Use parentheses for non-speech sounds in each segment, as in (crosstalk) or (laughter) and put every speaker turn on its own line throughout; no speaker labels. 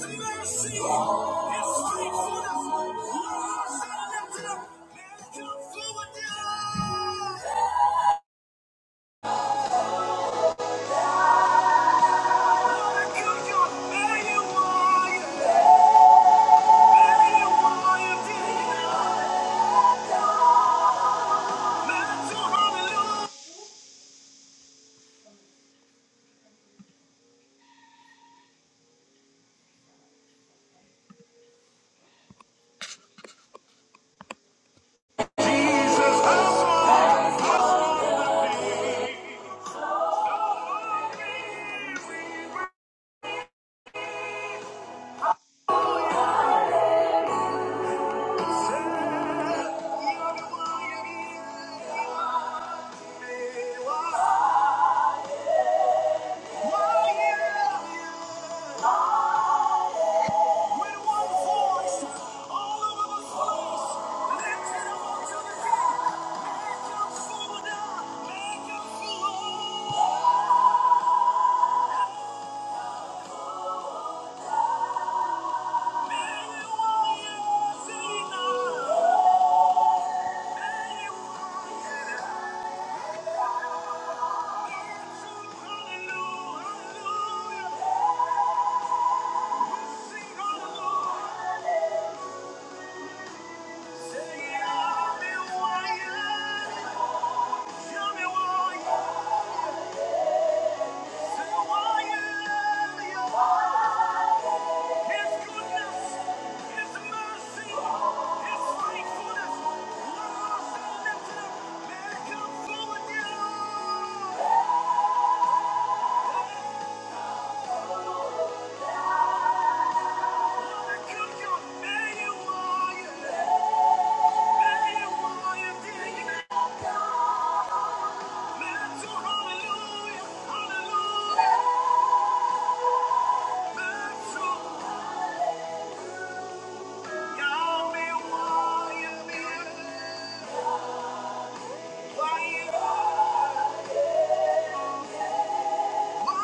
Yeah. Say, yeah, me why, yeah, me why, yeah." Hallelujah, hallelujah, God, you Why you. Oh,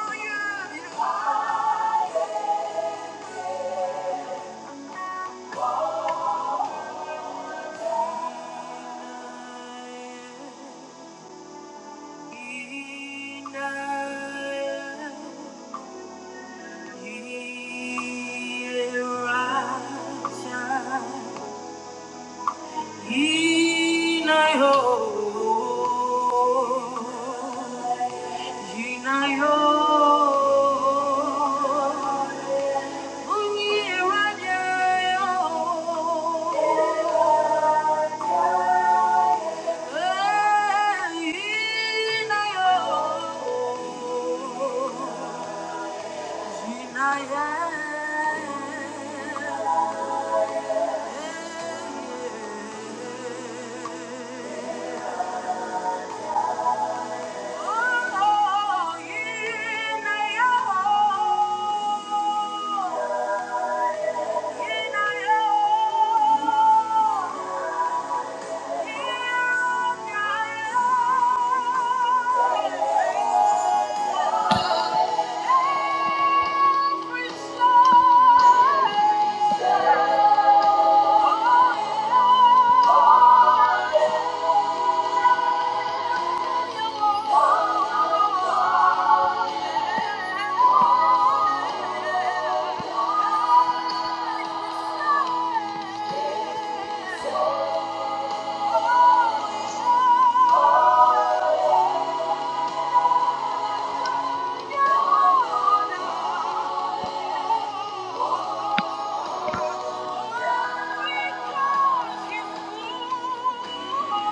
Oh, Thank you.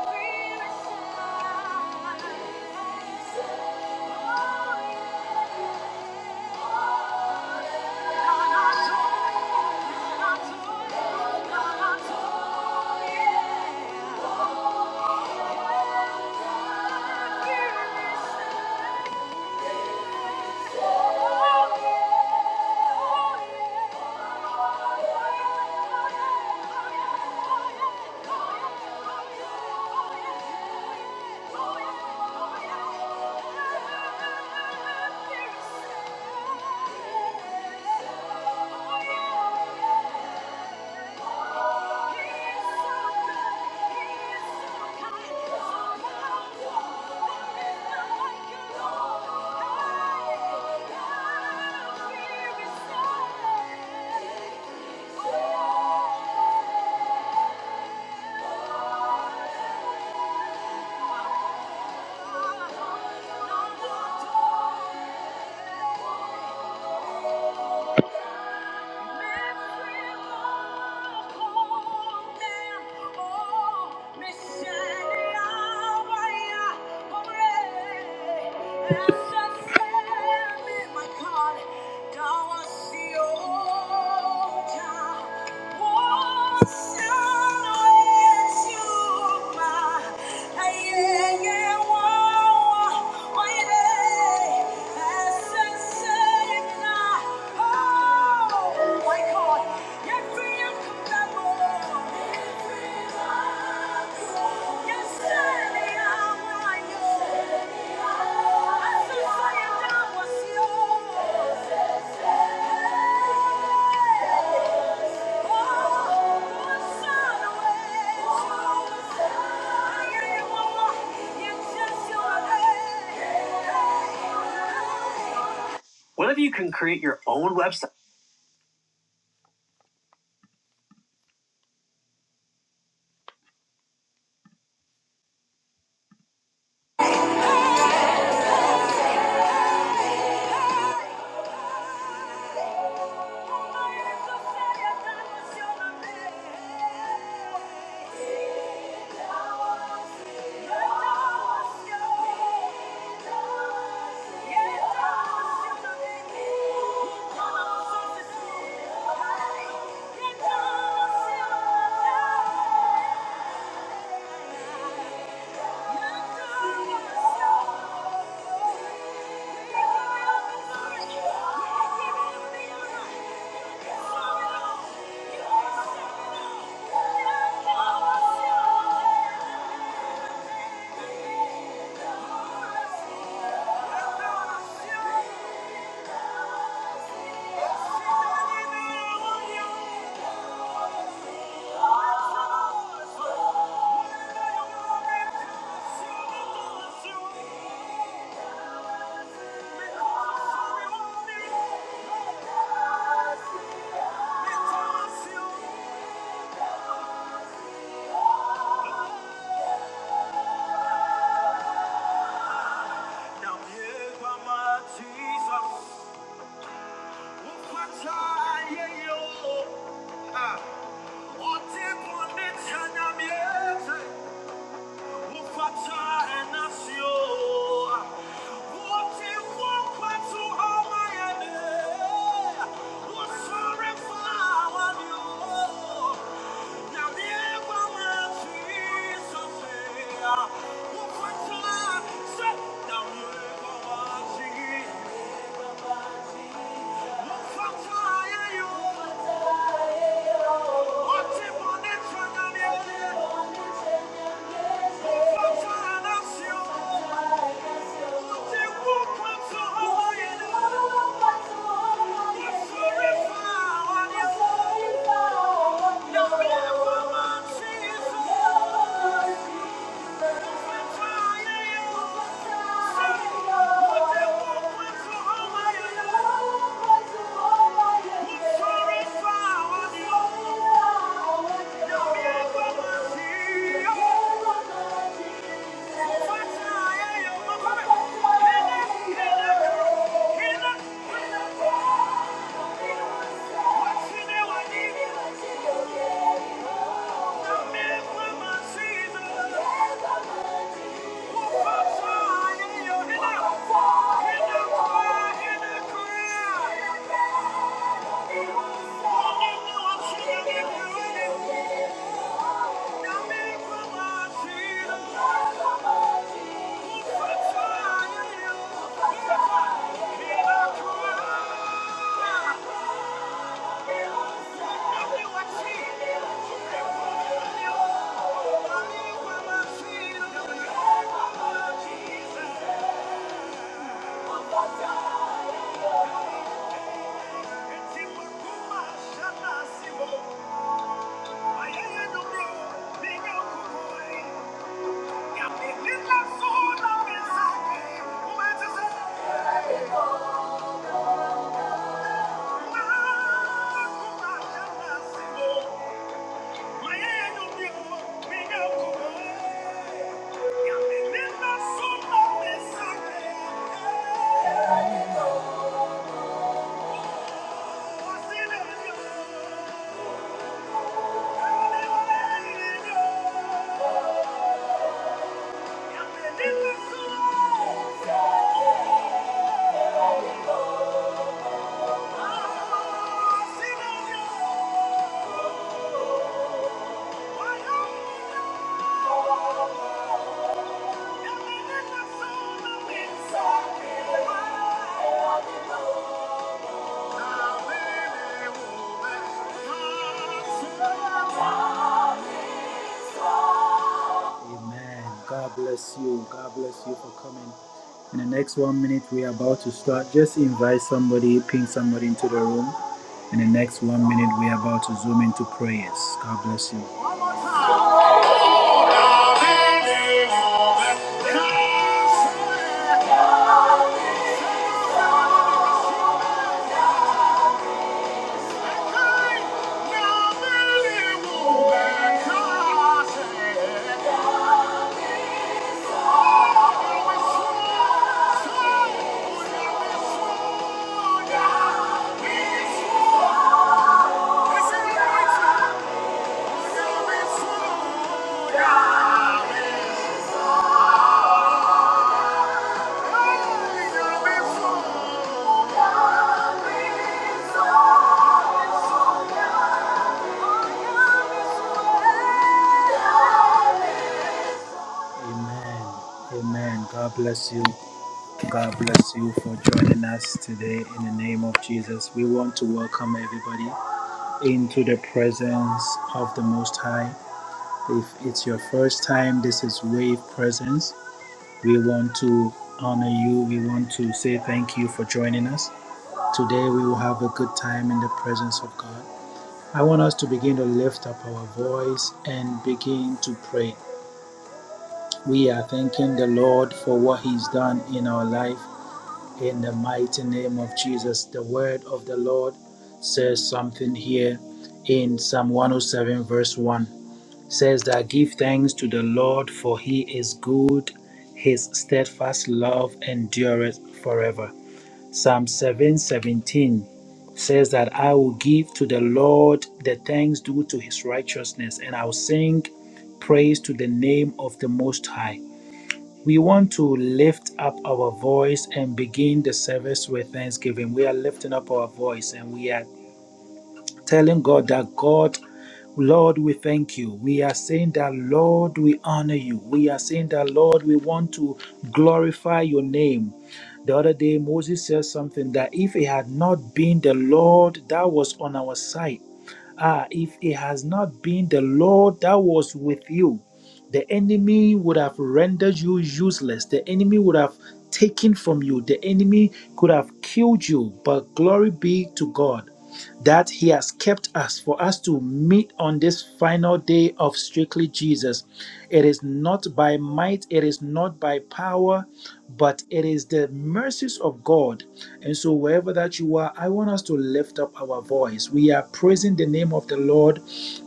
Oh! Yeah. Oh my God! Your freedom comes out more. Yes, sir, me, I'm right, yo. I still say it, that was yours. Hey. Oh, what's up with what if you can create your own website? (laughs) Yeah. Jesus, what a child! Ah. Thank Thank you. Thank you. Thank you. Yeah. Thank you. Amen. God bless you. God bless you for coming. In the next one minute, we are about to start. Just invite somebody, ping somebody into the room. In the next one minute, we are about to zoom into prayers. God bless you. Yeah. Amen. Amen. God bless you. God bless you for joining us today in the name of Jesus. We want to welcome everybody into the presence of the Most High. If it's your first time, this is Wave Presence. We want to honor you. We want to say thank you for joining us. Today we will have a good time in the presence of God. I want us to begin to lift up our voice and begin to pray. We are thanking the Lord for what He's done in our life. In the mighty name of Jesus, the word of the Lord says something here in Psalm 107, verse 1 says that give thanks to the Lord for he is good, his steadfast love endureth forever. Psalm 7:17 says that I will give to the Lord the thanks due to his righteousness and I'll sing praise to the name of the most high. We want to lift up our voice and begin the service with thanksgiving. We are lifting up our voice and we are telling God that God Lord, we thank you. We are saying that, Lord, we honor you. We are saying that, Lord, we want to glorify your name. The other day, Moses said something that if it had not been the Lord that was on our side, ah, if it has not been the Lord that was with you, the enemy would have rendered you useless. The enemy would have taken from you. The enemy could have killed you. But glory be to God that he has kept us for us to meet on this final day of strictly Jesus. It is not by might, it is not by power, but it is the mercies of God. And so, wherever that you are, I want us to lift up our voice. We are praising the name of the Lord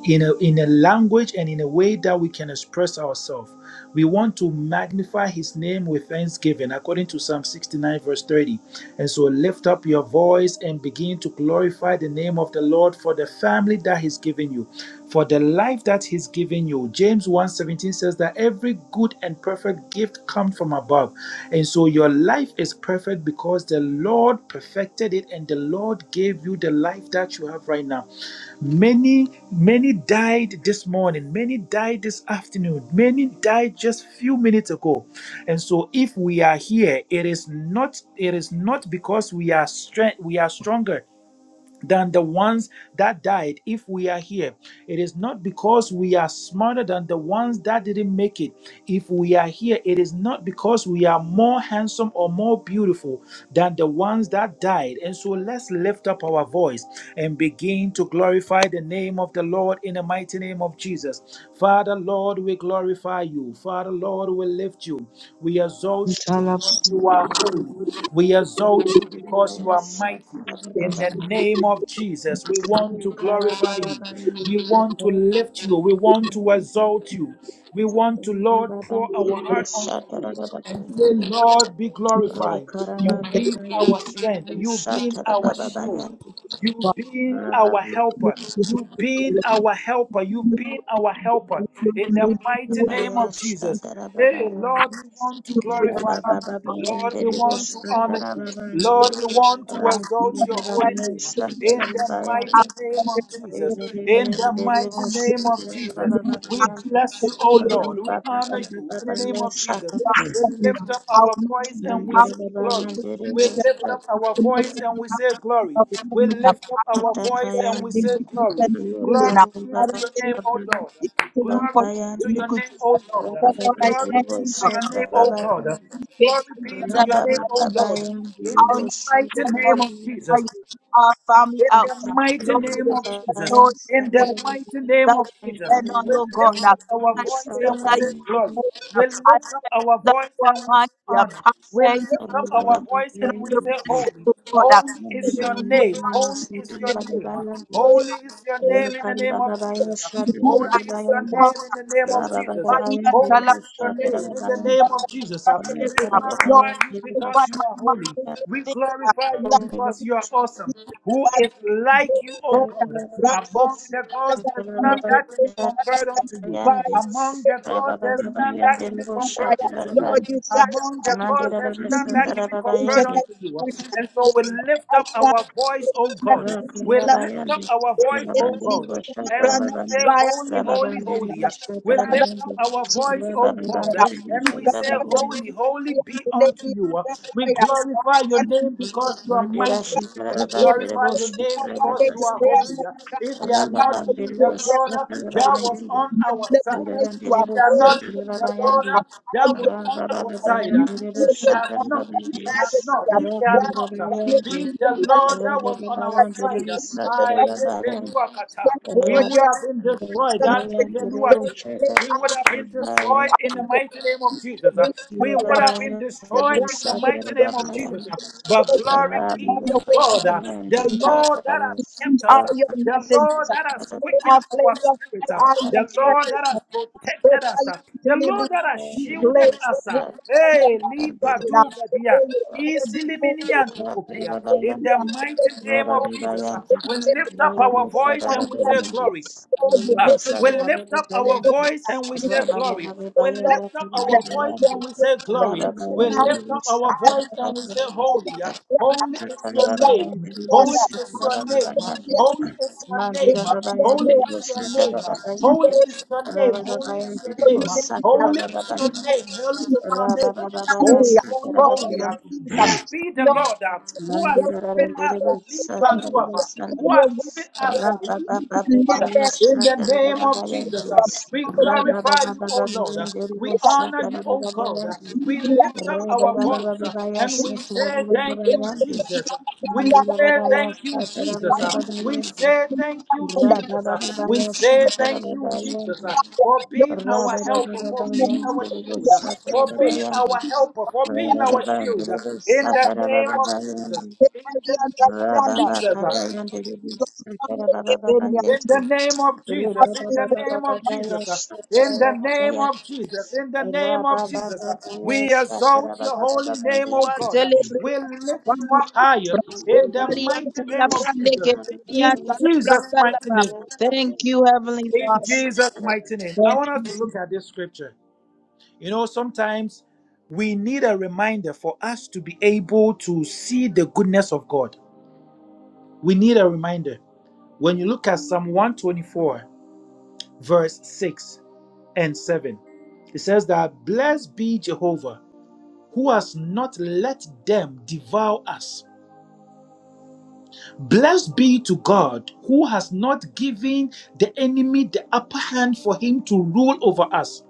in a, in a language and in a way that we can express ourselves. We want to magnify his name with thanksgiving, according to Psalm 69, verse 30. And so lift up your voice and begin to glorify the name of the Lord for the family that he's given you, for the life that he's given you. James 1:17 says that every good and perfect gift comes from above. And so your life is perfect because the Lord perfected it and the Lord gave you the life that you have right now. Many, many died this morning. Many died this afternoon. Many died just few minutes ago. And so, if we are here, it is not it is not because we are strength we are stronger than the ones that died if we are here. It is not because we are smarter than the ones that didn't make it if we are here. It is not because we are more handsome or more beautiful than the ones that died. And so let's lift up our voice and begin to glorify the name of the Lord in the mighty name of Jesus. Father, Lord, we glorify you. Father, Lord, we lift you. We exalt you because you are holy. We exalt you because you are
Rabba
mighty. In the name name of Jesus. We want to glorify you. We want to lift you. We want to exalt you. We want to, Lord, pour our heart unto you and say, Lord, be glorified. You be our strength. You be our shield. You being our helper. You being our helper. You being our helper. In the mighty name of Jesus. Hey, Lord, we want to glorify you. Lord, we want to honor you. Lord, we want to exalt your holy name. In the mighty name of
Rabba
Jesus. In the mighty name of Jesus. We bless you, O Lord. We honor you in the name of Jesus. We lift up our voice and we say glory. We lift up our voice and we say glory. We lift up our voice and we say glory. Glory be to your name, O Lord. Glory be to your name,
Iniquity.
O Lord.
That's what I
Glory be to your name, O God. Glory be to your name, O
pray.
Lord. In
all
the
Rabbi
mighty
together
name of Jesus
with our family
in
out.
the
uh,
mighty
Lord, it
name of
is here, Lord,
Jesus. In
you
the
are the
mighty name
that
of
we
Jesus,
depend on,
we
oh God.
lift
uh,
up our
I
voice
pray
and we
that you
say glory.
will
We
help I
lift up
pray
our
that
voice
you are
and we say
mighty. I
honor. We
pray that you
lift up our voice
for the
and we
you of your
say
blessing,
holy.
oh God. uh,
Holy
that
is
you
your
forgive
name.
us
Rabba
Holy is your name. Holy is your name in the name of Jesus. Holy is your name in the name of Jesus. Holy is your name in the name of Jesus. We
Lord,
glorify you because
satisfy
you
my
are
mouth with
holy.
good
We
things uh,
glorify you
that that
because you are awesome. Who is like you, O
God
God?
grant hope
Among the
that
gods,
I can
there's none
live in peace,
that can be
that I
compared
can
unto you.
provide,
Among
that
the gods, there's
I
none
can
that can be compared
provide.
unto you.
Lord, you
Among
satisfy
the
me.
gods, there's
You
none
give
Baba
me
that can be compared
Rababa
internet.
unto you. And so we lift up our voice, O
You
God. We lift up
Rakarabayandi,
our voice, O
Rababandiri
God,
Bashata
and we
Rababandi,
say, Holy, holy,
Rababandiri
holy.
Bashata
We lift up
Rababandi,
our voice, O God,
Rababandiri
and we
Bashata
say,
Rababandi,
Holy, holy be unto you. We glorify your name because you are
Mandira
mighty.
Shita
We
Rababandiri
glorify your
Bashata
name because you are
Rababandi,
holy. If you had not been
Rababandiri
the Lord
Bashata
that
Rababandi,
was
Rababandiri Bashata Rababandi,
on our side,
Rababandiri
are
if they have
holy,
not
Bashata
been
my
the Lord
Rababandi,
uh,
God.
that
I'm
was on our
Rababandiri
side, uh,
you
if they
with
have
Bashata
honor
not, if
and
Rababandi,
they have
majesty.
not, if they
Rababandiri
have not uh,
I'm
been the Lord
blessed
that was on our side, uh,
Bashata
aye,
Rababandi,
yepeluakata, we would have been destroyed. uh,
Rabbi,
diveluati. We would have been destroyed in the mighty name of Jesus. uh. We would have been destroyed in the mighty name of Jesus. uh, but glory be to God, uh, the Lord that has kept us,
are
uh,
your
the Lord
messengers?
that has
They
quickened
are
our
flames of
spirit, uh,
fire. Are your
the Lord that has
presence?
protected us,
Propelling
uh, the
delivery.
Lord that has
We play
shielded
the
us.
word
uh,
on the
Hey, lipa
foundation.
duga
Today
dia,
you better be moved.
isilimini
Rabba Mandira
antokopea. In the
Babayandi
mighty name
Boshata
of Jesus, uh, we lift up our voice and we say glory. We lift up our voice and we say glory. We lift up our voice and we say glory. We lift up our voice and we say holy. Holy is your name. Holy is your name. Holy is your name. Holy is your name. Holy
Babayandi
is your name. Holy is your name. Holy is your name. Holy is your name. Holy, holy,
All
holy.
this things up
Blessed be the Lord
Rabba
who
be
has given us a leap, Paluava, who
the
has given us a leap, Father. In the name of Jesus, uh, we glorify you, O Lord. uh, We honor you, O God. uh, We lift up our voice uh, and we say, Thank you, Jesus. uh, We say thank you, Jesus. uh, We say thank you, Jesus. uh, We say thank you, Jesus, uh, for being our helper, for being our shield, uh, for being our helper, for being our shield. uh, In the name of Jesus. In the name
Rabba
of
Branda,
Jesus. uh,
Thank
in the name of Jesus, in the name of Jesus, uh, in the name of Jesus, in the name of Jesus, uh, we exalt your holy name, O God. uh, We lift you up higher in the mighty name of Jesus. In Jesus' mighty name.
you, Heavenly
In
Father.
Jesus' mighty name. I
Thank
want us
you,
to look at this scripture. You know, sometimes we need a reminder for us to be able to see the goodness of God. We need a reminder. When you look at Psalm 124, verse 6, and 7. It says that, Blessed be Jehovah, who has not let them devour us. Blessed be to God, who has not given the enemy the upper hand for him to rule over us.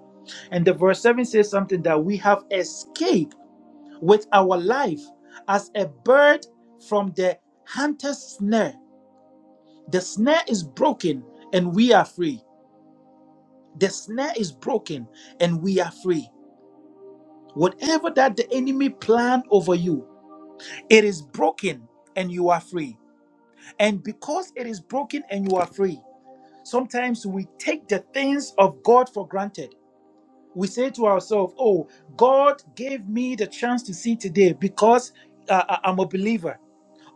And the verse 7 says something that we have escaped with our life as a bird from the hunter's snare. The snare is broken and we are free. The snare is broken and we are free. Whatever that the enemy planned over you, it is broken and you are free. And because it is broken and you are free, sometimes we take the things of God for granted. We say to ourselves, Oh, God gave me the chance to see today because uh, I- I'm a believer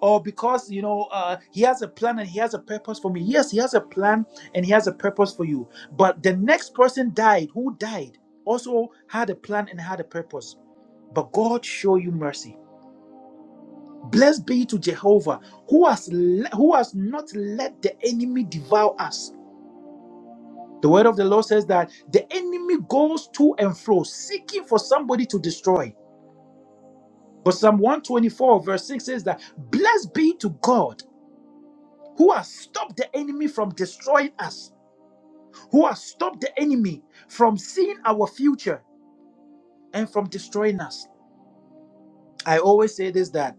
or because you know uh, he has a plan and he has a purpose for me yes he has a plan and he has a purpose for you but the next person died who died also had a plan and had a purpose but god show you mercy blessed be to jehovah who has le- who has not let the enemy devour us the word of the lord says that the enemy goes to and fro seeking for somebody to destroy but psalm 124 verse 6 says that blessed be to god who has stopped the enemy from destroying us, who has stopped the enemy from seeing our future and from destroying us. I always say this that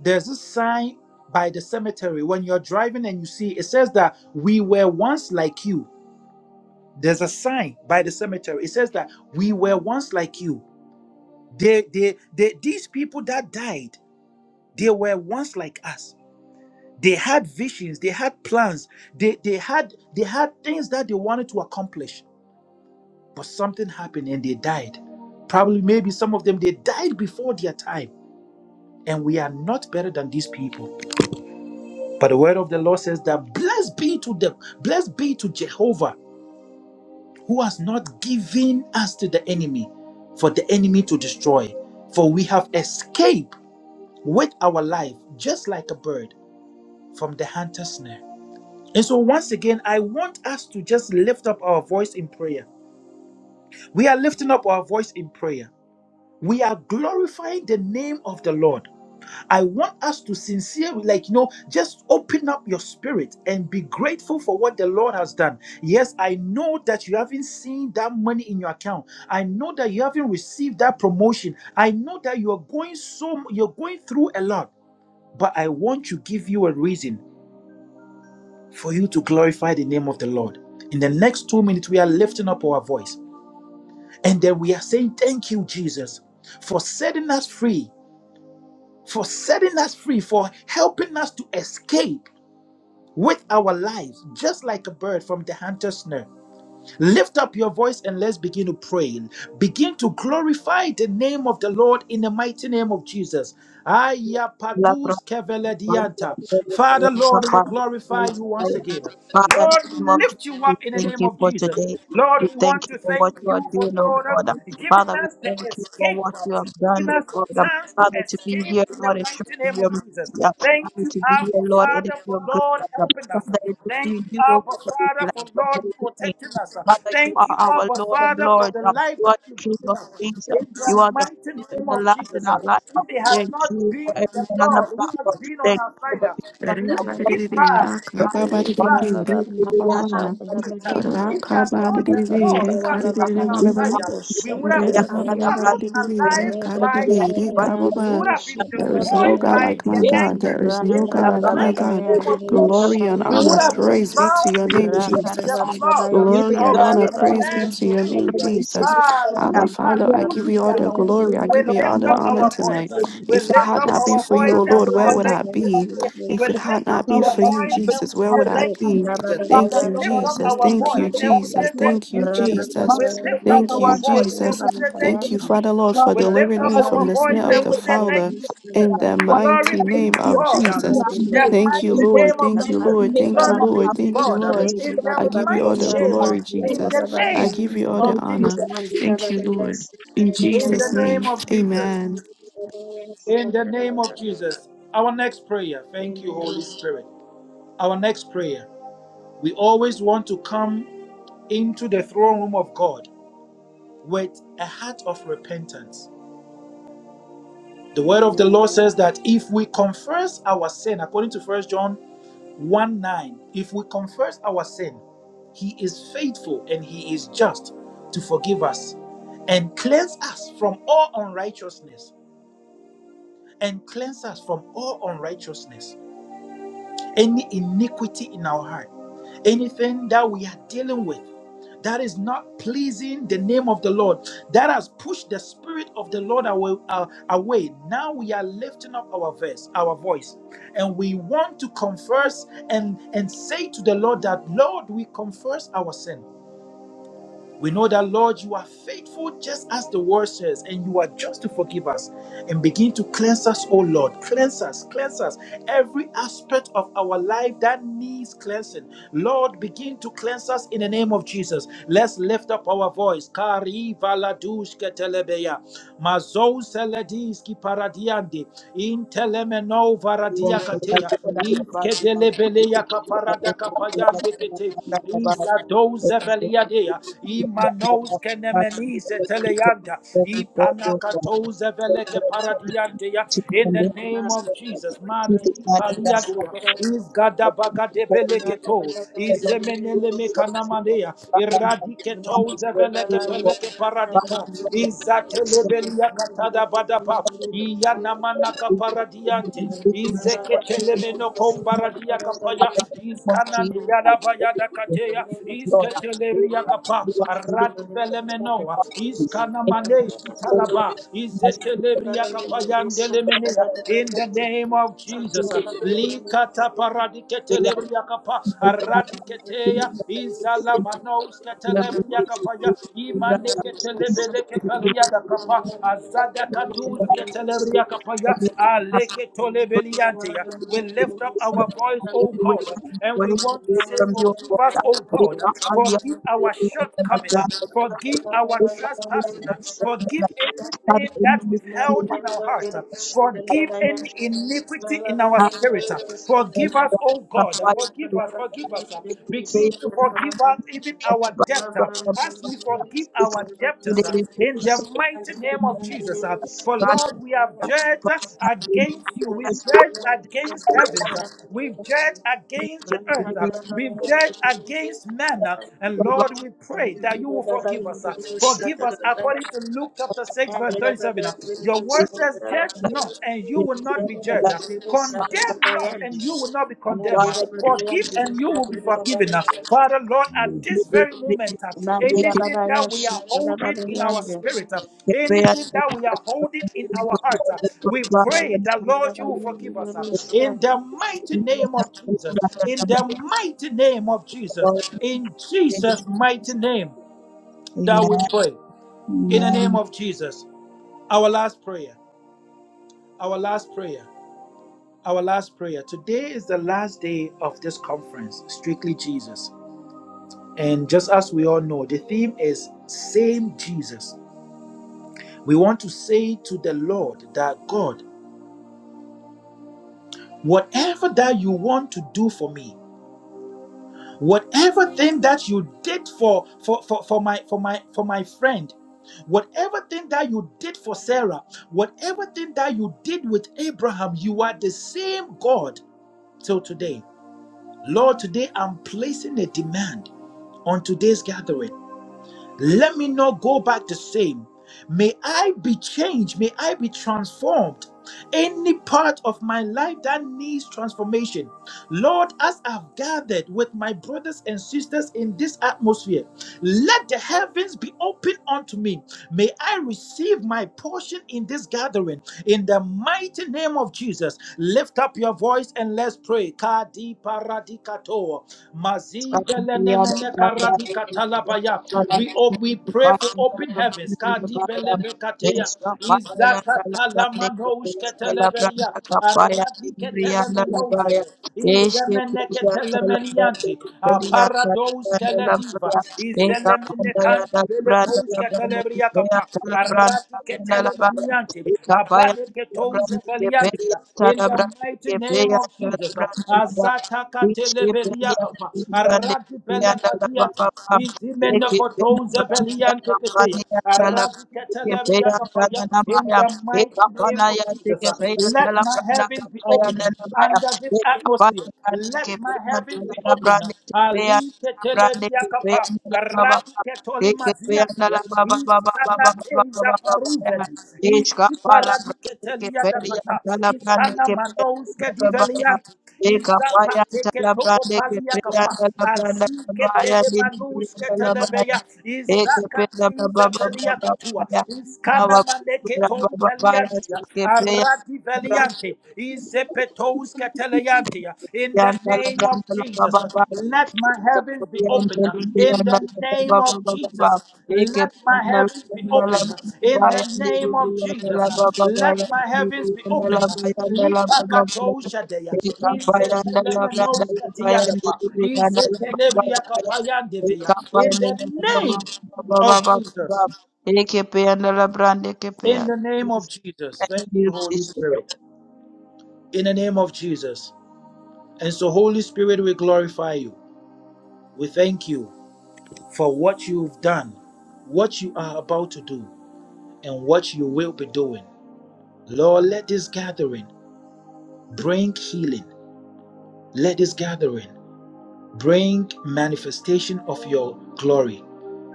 there's a sign by the cemetery when you're driving and you see it says that we were once like you. There's a sign by the cemetery. It says that we were once like you. They, they, they, these people that died, they were once like us. They had visions, they had plans, they, they had they had things that they wanted to accomplish but something happened and they died. Probably, maybe some of them, they died before their time. And we are not better than these people. But the word of the Lord says that blessed be to them, blessed be to Jehovah, who has not given us to the enemy for the enemy to destroy. For we have escaped with our life, just like a bird, from the hunter's snare. And so, once again, I want us to just lift up our voice in prayer. We are lifting up our voice in prayer. we are glorifying the name of the Lord. I want us to sincerely, like, you know, just open up your spirit and be grateful for what the Lord has done. Yes, I know that you haven't seen that money in your account. I know that you haven't received that promotion. I know that you are going so, you're going through a lot. But I want to give you a reason for you to glorify the name of the Lord. In the next two minutes, we are lifting up our voice and then we are saying, Thank you, Jesus, for setting us free for setting us free, for helping us to escape with our lives, just like a bird from the hunter's snare. Lift up your voice and let's begin to pray. Begin to glorify the name of the Lord in the mighty name of Jesus. Aya padus keveledianta. Father, Lord, we glorify you
Jesus.
once again.
Father,
Lord,
in the name
we
of
lift
Jesus,
you
we
up in the
thank
name
you
of
for
Jesus.
today.
Lord,
We
we
thank
want
you
to
for what
thank
you are
you for,
doing, oh
Lord,
God.
giving
Father, we
us the
thank you for what you
escape
have done,
giving
oh
us a
God.
chance to
Father, to be
escape
here,
in the
Lord, it should
mighty
be
name of
your
Jesus.
mercy.
Thank
Father,
you,
to be here,
Abba
Lord, it is
Father, for
your
Lord
goodness.
helping us.
Father, it is
Thank you,
you, oh
Abba
God, that is
Father,
like
for
the
Lord
Holy Spirit.
protecting us.
Father, you
Thank
are
you,
our
Abba
Lord of
Father, for
Lords.
the
uh,
life
You
that
are
you've
the King
given
of
us.
Kings. uh,
In
You
the
are the first
mighty
and
name
the
of
last in
Jesus,
our life. uh,
if they have
Thank
not
you for
been the
everyone on the
Lord who has
platform.
been on
Thank
our
you for the
side,
people that you
let
have brought
it
Rakabadididi,
us. uh,
rise.
brought
Let
to us.
it
uh,
rise. Peter,
We ask
rakababana.
that you bless us,
if they had not the
Rakabadididi,
Lord who has
uh,
been
rakadididi,
on our
we
banaba.
side, uh, we would
There
have
is
been
ask
no
that you bless us, uh, we ask that
swallowed
you bless
alive
us, uh,
Rebe
by
baba
the
baba
enemy.
we ask that you
We
yandere
would have been
boshata baba
destroyed
God
uh,
by
yande.
like my
their
Yes,
God.
we
anger.
There is
Rage
In
no
ask
God
baba
the
that
like
baba
my
baba
mighty
God.
you
name of
yandere
bless
Jesus, uh,
Glory
boshata
and
we
us, uh,
honor,
would
baba
have been
praise
yande.
be to
drowned
your
you
name,
deserve
beneath
Rakare
it,
Jesus.
the
baba
Father.
baba
flood
You
Glory and
yashata
of
deserve
baba
honor,
this
baba
all
praise be
the
to
yande.
man's
your name,
failure.
adoration,
Jesus.
Ah,
Lord.
Abba,
We
lipa
Father,
Yandere
have
I
baba
give
nothing
you all
baba
the
kuzibiaka.
glory.
yandere
to
I
the
We
give you
Lord,
all
lift
the
boshata
up
more than
honor
baba
our
baba
tonight.
anything.
voice. We
yande.
If it
lift
Father,
had
up
the
not been
Jesus,
our
for you, O
voice
Raga
the
and we
Lord,
baba
where
say
Lord,
would
baba
the
I
thank you,
Lord,
be?
yandere
Jesus.
If
We
it
the
had
lift up
not
boshata
been
leader
baba
our
for
of
you,
voice
yande.
heaven,
and
Jesus,
we
where
say
would
always
I
thank
Leke
you,
be?
planted.
baba
Jesus.
baba
Father,
Thank you,
We lift
Lord,
yashata
up
we
Jesus.
our
baba
thank
Thank
you
baba
you,
voice
for
and
all
we
yande.
that
say
Jesus.
you are
thank
Thank
you,
you,
doing.
Raba
Jesus.
Jesus.
baba
We
Most
lift
Father,
yandere
up
Thank
you
our
you,
are
boshata
voice and
Jesus.
baba
we say
baba
thank
Thank
you,
you,
yande.
taking
Father
Jesus.
Lord, for
We
Father,
Amen.
lift
delivering
up
me
Father,
from
our
we
the
voice
snare of
create
and
the
we
a
say,
fowler
Thank
identity
you,
for
Jesus.
in
us.
the
Glory
mighty
be
name
to
identity
of
God. uh,
what you
Jesus.
In
have made?
the
Thank you,
In
mighty
which
Lord.
name
you
of
Thank you,
have
Jesus.
Lord.
made
Thank you,
them
Glory
all
be
Lord.
up.
to
Thank
We
you,
God. uh,
create a
Lord.
spirit
In
of
the
I give you all
mighty
the
patience
name of,
glory,
and
in
Jesus.
the name
I
acceptance.
give you all the
Thank
of
you,
honor.
Jesus.
Thank you, Lord. In
Lord.
In the
Jesus'
name
name,
of Jesus.
amen.
In the name of Jesus. Our next prayer, Holy Spirit. Our prayer. We all come into the throne room of God with a heart of repentance. The word of the Lord says that if we confess our sin, according to 1 John 1 9. If we confess our sin, he is faithful and he is just to forgive us and cleanse us from all unrighteousness. And cleanse us from all unrighteousness any iniquity in our heart, anything that we are dealing with that is not pleasing the name of the Lord, that has pushed the spirit of the Lord away. uh, away. Now we are lifting up our verse, our voice, and we want to confess and and say to the Lord that Lord, we confess our sin. We know that, Lord, you are faithful just as the word says, and you are just to forgive us and begin to cleanse us, oh Lord. Cleanse us, cleanse us. Every aspect of our life that needs cleansing, Lord, begin to cleanse us in the name of Jesus. Let's lift up our voice. Kari valadushke telebeya. Mazou selediski paradiande. Intelemeno varadia kateya. Iskedelebeleya kaparada kapayande kete. Izadou zeveliadea. Imanos kenemenise teleyanda. Ipanakatoze veleke paradianteya. In the name of Jesus. Madi paliadea. Izgada bagade beleketo. Izemenele mekanamanea. Iradiketoze veleke peleke paradika. Izatelebelia
Thank
katada badaba. Iyanamanaka paradiante.
Thank you.
Izeketelemeno
Father,
kombaradia kapaya.
in the name of
Iskanan
Jesus, I
yada
pray
bayada
to you,
kateya.
Lord, I pray
Isketeleria
that you
kapa
are doing it for us, you
ratvelemenoa
are doing it. Make me feel your
iskanamaneshkitalaba
presence, you are doing it. Whatever
izetelebriakapayandelemenia
I
in the name of
do,
Jesus
you do it. We are
likataparadiketelebrekapa
doing it for us. In
aradiketeya
the name of Jesus, we are doing it for you. We are
you.
doing it for
izalamanousketelebriakapaya
you. We are doing it for you. We are doing it for you. We
imaniketelebelekepaliadakapa azadakadusketelebrekapaya
are doing it for you.
aleketolebelianteya we lift up our voice O God and we want to say
from your
forgive
water.
us O God
Recover your
forgive our shortcomings
brand.
shortcoming. uh, Forgive our trespassing. uh, Forgive
Father,
Thank
anything
in
that
this
we've
season,
held in our heart. uh,
I
Forgive any iniquity in our
ask
spirit. uh,
that
you.
Forgive us,
you
oh
help
God. uh,
Thank
us
Forgive
to
us. Forgive us. uh,
save
Begin to
me
forgive us even
and
our
to
debt.
us
uh,
from
As we forgive
this
our
in the
debtors uh,
name of
in the
Jesus.
mighty name
In the
of Jesus. uh, For
God,
Lord, we have
that
judged
God
uh,
has been
against you.
with us,
We've
as
judged
a
against heavens.
father,
uh, We've judged
we
against the
give
earth. uh,
you
We've judged against men. uh,
the
And
glory
Lord, we pray that that you will forgive us. uh. Forgive us according to Luke chapter 6, verse
and the
37. uh. Your word
praise
says, Judge
that
not, and you
we
will
give
not
you,
be
and
judged.
that
uh. Condemn not, and you will not be condemned.
God,
uh. Forgive, and you will be
you.
forgiven. uh. Father, Lord, at
we
this
give you
very
the
moment, uh,
praise.
Mandira
anything
Baba
that we
Yasha,
are
Baba
holding
Baba
in our
Yande,
spirit, uh,
Amen.
anything that we are holding in our heart, uh, we pray that, Lord,
Baba
you will
Yande,
forgive us. uh.
Baba Yasha.
In the mighty name of Jesus. In the mighty name of Jesus. In Jesus' mighty name that we pray in the
Amen.
name of Jesus. Our last prayer, our last prayer, our last prayer. Today is the last day of this conference, Strictly Jesus. And just as we all know, the theme is Same Jesus. We want to say to the Lord that God, whatever that you want to do for me, whatever thing that you did for for for, for my for my for my friend whatever thing that you did for sarah whatever thing that you did with abraham you are the same god till today lord today i'm placing a demand on today's gathering let me not go back the same. May I be changed. May I be transformed. Any part of my life that needs transformation. Lord, as I've gathered with my brothers and sisters in this atmosphere, let the heavens be open unto me. May I receive my portion in this gathering. In the mighty name of Jesus, lift up your voice and let's pray. Kadi Paradikato.
Thank
Mazidelenemene Karadikatalabaya. We, oh, we pray for open heavens. Kadi Belebekateya. Izakatalamanoushketeleberia. Aradiketelemenozebe. Izemeneketelemenyanti. Paradoskelediva. Izelemenekandibelekoushketelebriakapa. Lemeniante, Abaleketouza Galiante, in the mighty name of Jesus,
you.
Azata
Ech kapala
Katelebeliakapa,
brande
Aradi
ke
Belekadiata, Izimenekotouza Beliante Ketea, Aradi Ketelebeliakapaya, in the mighty name of Jesus, let my heavens be open under this atmosphere. Let my heavens be open. Ali Yakapa, Radiketoli Maziatia, Iskanateza Paruveti, Isiparadiketelia
peria
Dakata,
dala brande
Iskana
ke
Manouske
peria baba ya
Divelianti,
Lekapaya
Izapateke
talabrande
Topopalia
kepeya
Kapa,
talabranda
Azike
kabaya dilibriya
Telemanuske
talabaya.
Telebeya,
Ekepeya baba
Izakatize
baba baba
Peliakatua,
baya.
Iskana
Baba
Maneke
baba
Tom
baba baya
Peliantia,
sekepeya.
Aradi Velianti, Zepetos Katalayantia. In the
Yandala
name of
Gandala Baba
Jesus,
Baba
let my heavens be open.
Yandala
In the
Yandala
name
Baba
of
Baba Baba
Jesus, let my
Pandala
heavens be
Gandala
open. In
Baba
the name of
Yandala
Jesus,
Baba Baba
let my heavens be open. Lipa Katoshadea.
Brandala
Izetelemenoskatiadapa.
Baba Baba
Izetelebriakapayandevea. In the name of Jesus.
Eke Pandala
In the
Pandala
name of Jesus.
Thank
Thank you, Holy Spirit. In the name of Jesus. And so, Holy Spirit, we glorify you. We thank you for what you've done, what you are about to do, and what you will be doing. Lord, let this gathering bring healing. Let this gathering bring manifestation of your glory.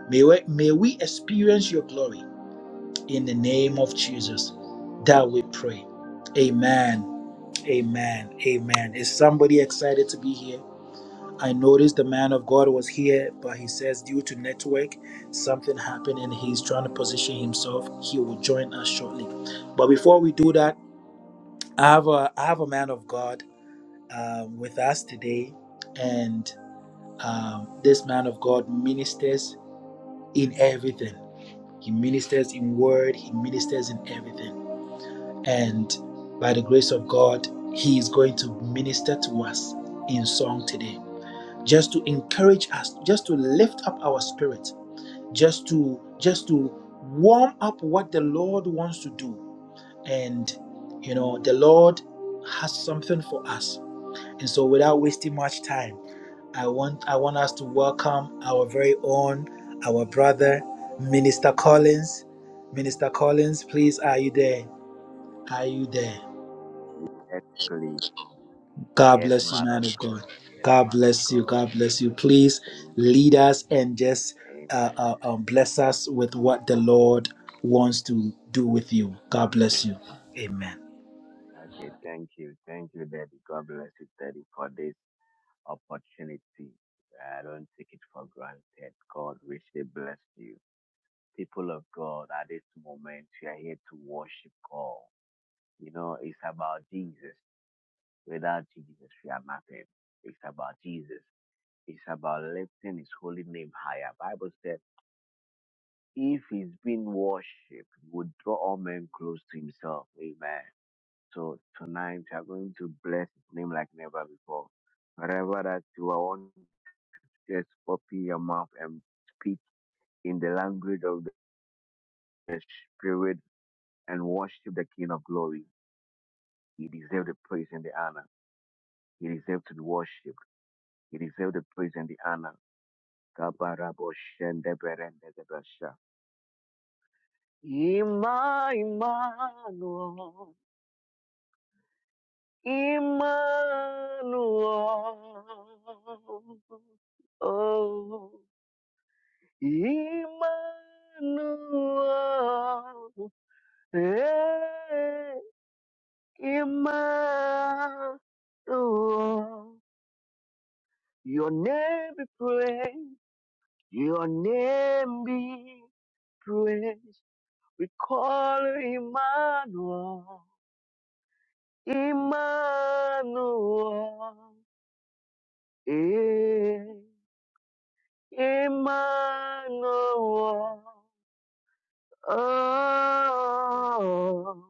May we, may we experience your glory in the name of Jesus that we pray. Amen. Amen. Amen. Is somebody excited to be here? I noticed the man of God was here, but he says due to network, something happened and he's trying to position himself. He will join us shortly. But before we do that, I have a I have a man of God um, with us today, and um, this man of God ministers in everything. He ministers in word. He ministers in everything, and by the grace of God, he is going to minister to us in song today. just to encourage us just to lift up our spirit just to just to warm up what the lord wants to do and you know the lord has something for us and so without wasting much time i want i want us to welcome our very own our brother minister collins minister collins please are you there are you there
Yes, please.
God
Yes,
bless you,
man of
man of God.
God. Yes,
God
man of
bless you.
God.
God bless you. Please
Amen.
lead us and just uh,
Amen.
uh, um, bless us with what the Lord wants to do with you. God
Okay.
bless you. Amen.
Okay. Thank you. Thank you, Daddy. God bless you, Daddy, for this opportunity. I don't take it for granted. God richly bless you. People of God, at this moment, we are here to worship God. You know, it's about Jesus. Without Jesus, we are nothing. It's about Jesus. It's about lifting his holy name higher. Bible said if he's being worshipped, he would draw all men close to himself. Amen. So tonight we are going to bless his name like never before. Wherever that you are, want to just open your mouth and speak in the language of the Spirit and worship the King of Glory. He deserves the praise and the honor. He deserves to be worshipped. He deserves the praise and the honor. Kabarabo shendeberendezebesha. Ima Emmanuel. Emmanuel. Oh, Emmanuel. Hey, Emmanuel. Your name be praised. Your name be praised. We call you Emmanuel. Emmanuel. Hey. Emmanuel. Oh,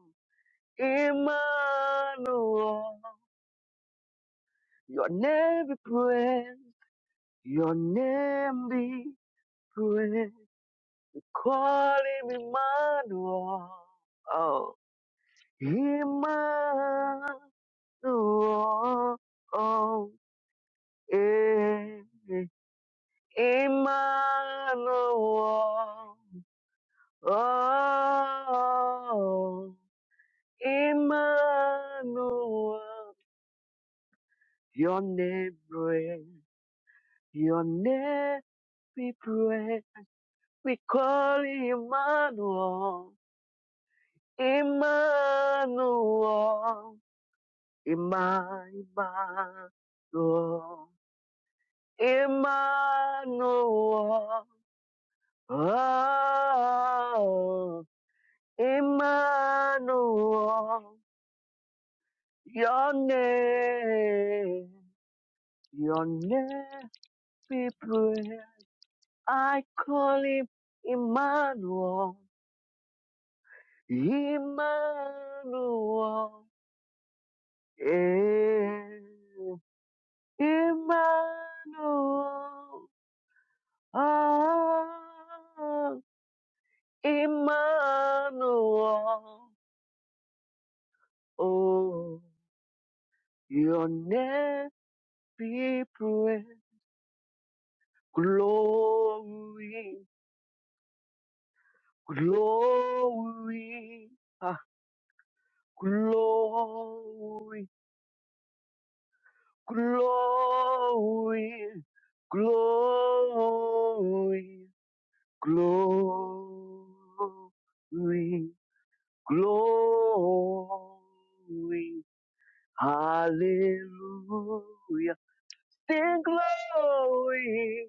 Emmanuel. Your name be praised. Your name be praised. Call him Emmanuel. Oh, Emmanuel. Oh, eh, eh, Emmanuel. Oh. Emmanuel, your name pray, your name we pray. We call Emmanuel, Emmanuel, Emma, Emmanuel, Emmanuel, oh, Emmanuel, your name, your name we pray. I call him Emmanuel, Emmanuel, eh, Emmanuel, ah, Emmanuel, oh, your name be praised, glory, glory, ah, glory. glory, glory, glory, glory, hallelujah. Sing glory,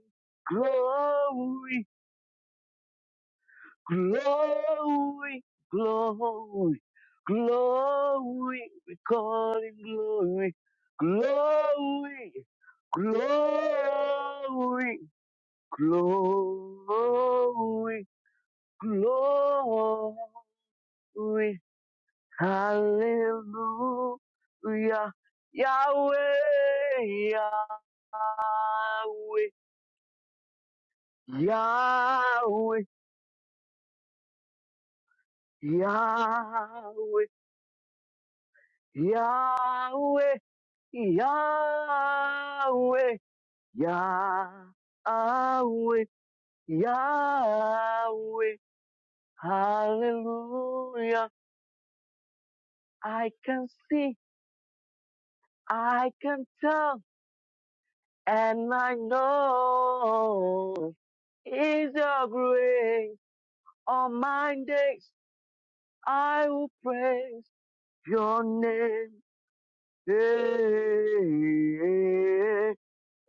glory, glory, glory, glory, we call him glory, glory, glory. Glory, glory, hallelujah. Yahweh, Yahweh, Yahweh, Yahweh, Yahweh, Yahweh, Yahweh, Yahweh, hallelujah. I can see I can tell and I know is your grace. On my days I will praise your name. Yeah.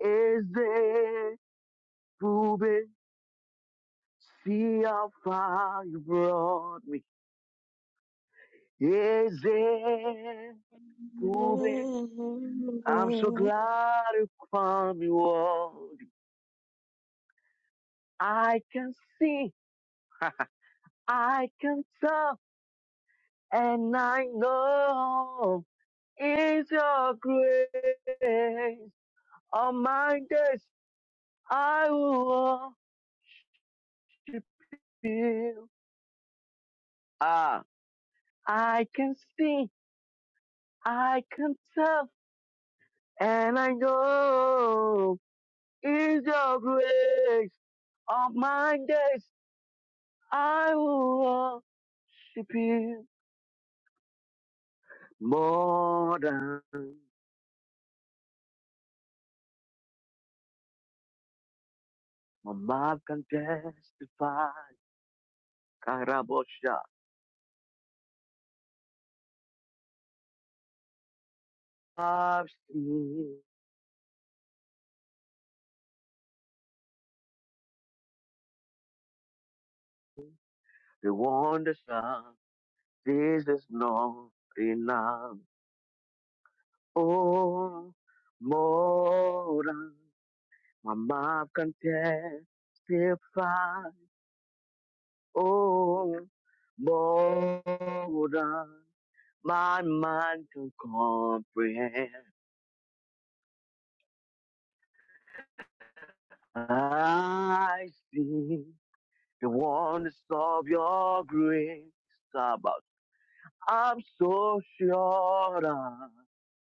Is there proven? See how far you brought me. Is there proven? I'm so glad you found me worthy. I can see, I can tell. And I know it's your grace. On my days, I will worship you. Ah, I can see, I can tell, and I know it's your grace. On my days, I will worship you more than my mouth can testify. Karabosha, I've seen. The wonder shall this is not enough. Oh, more than my mouth can testify. Oh, more than my mind can comprehend. I see the wonders of your grace about. I'm so sure that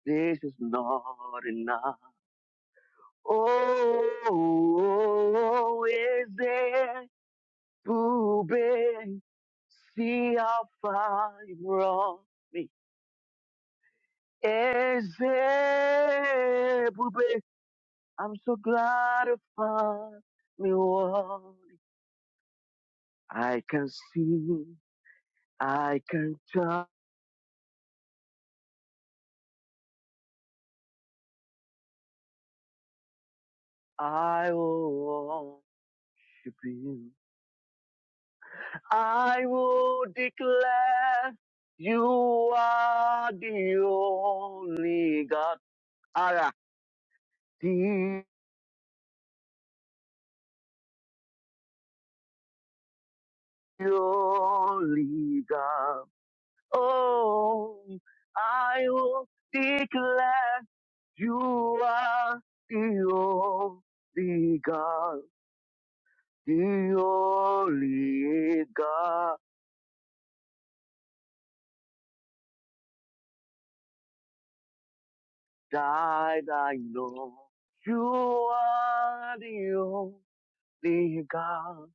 this is not enough. Oh, is there to be. See how far you brought me. Is Ezebube, I'm so glad to find me one. I can see, I can touch, I will worship you. I will declare you are the only God. Dearly God, oh, I will declare you are the only God, the only God that I know. You are the only God,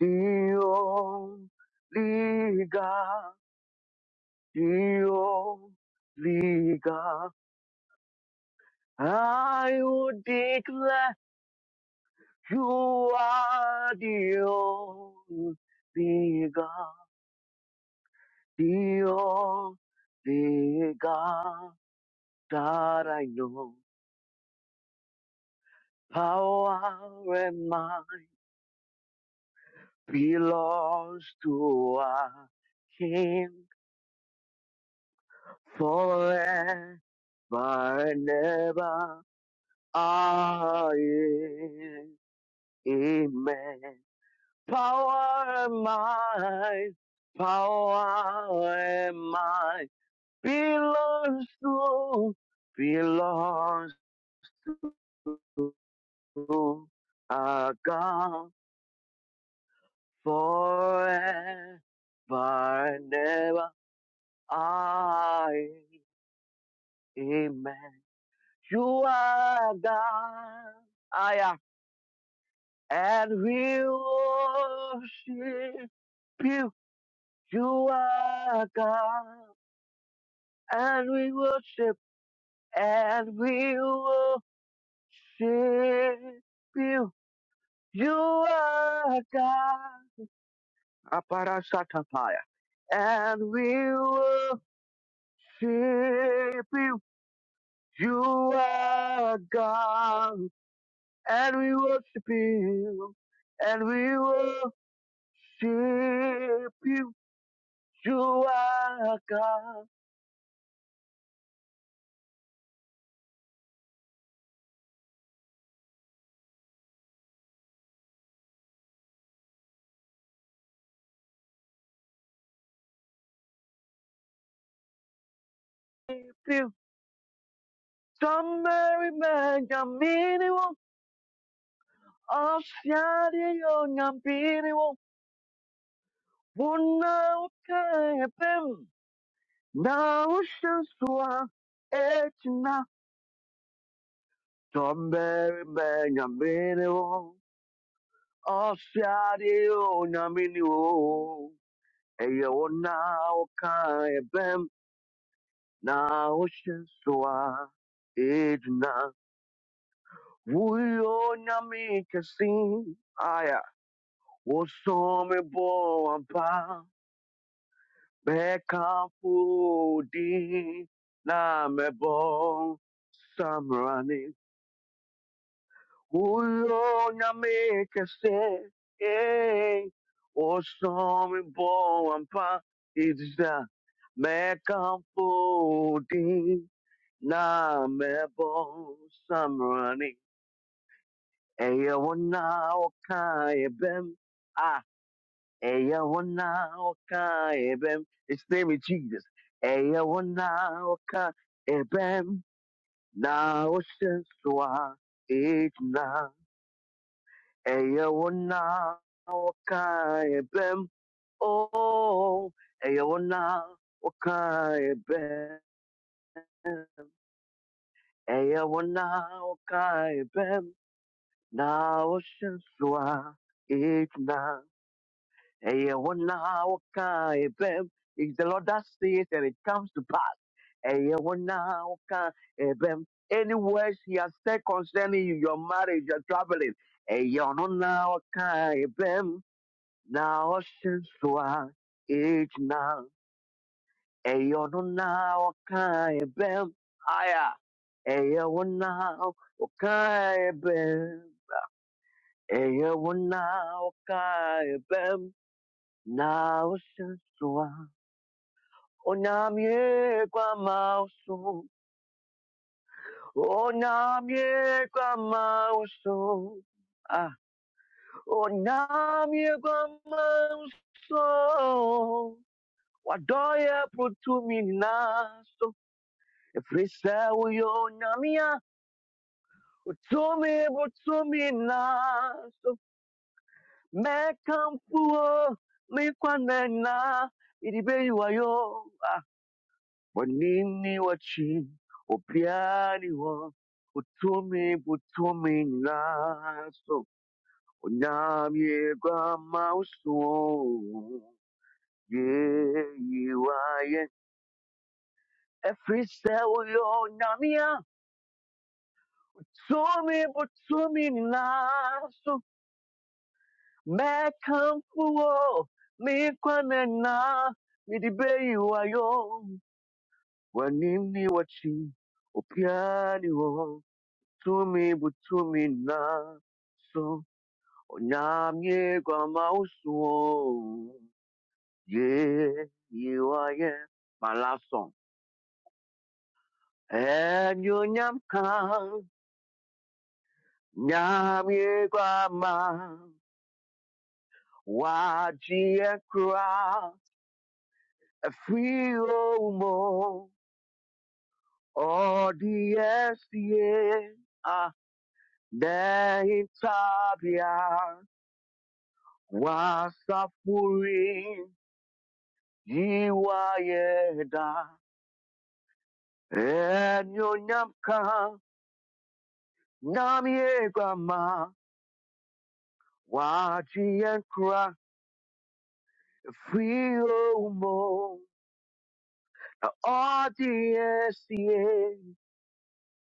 the only God, the only God. I would declare you are the only God, the only God that I know. Power and might belongs to our King forever and ever. Aye, Amen. Power am I, power am I. belongs to, belongs to our God forever and ever. Amen. You are God. I am, and we worship you. You are God, and we worship. and we worship you. You are God. Aparasatapaya. And we worship you. You are God. And we worship you. And we worship you. You are God. You. Some merry man, Yamini, Oshadi, Una okeepem na ushuswa etna tombere benyamini o osiari o nyamini o eye ona okeepem na ushuswa etna wuyo nyami kesi aya osome bo ampa Bekafudi namebo samrani ulo nyame kese eh osomi bo ampa idza Bekafudi namebo samrani eya wana okaye bem Eyawonaoka ebem. It's the name is Jesus. Eyawonaoka ebem. Naosensua itna. Eyawonaoka ebem. Oh, eyawonaoka ebem. Eyawonaoka ebem. Naosensua itna. Eh, wona woka ebem, it's the Lord that says and it comes to pass, Eyewonawoka ebem. any words he has said concerning you, your marriage, your traveling, Eyewonawoka ebem. na now Oshinsua, each now, Eyewonawoka ebem. Aya. Eyewonawoka ebem. Eyewonawoka ebem. na oshenswa. onamye kwa mauso onamye kwa mauso ah onamye kwa mauso Wadoya protumi naso efrisa uyo onamia utumi butumi naso mekamfuo mikwanena iribeiwayo Kwa nini wachiopyaniwa butumi butumi naso onyamye kwa mauso yeyiwaye efise uyo onyamya tumi butumi naso mekamfuwo mikwanena midibeyiwayo kwa nini wachi opyaniwo Tumimu tumina, som niamie kwamau song ye yua ye malasong. E niam kong niamie kwam, wazi ekra frio mo odies ye a da hintabia wasafuri. Yiwa yeda enyo nyamka namye grama waji enkra fio mo odiesie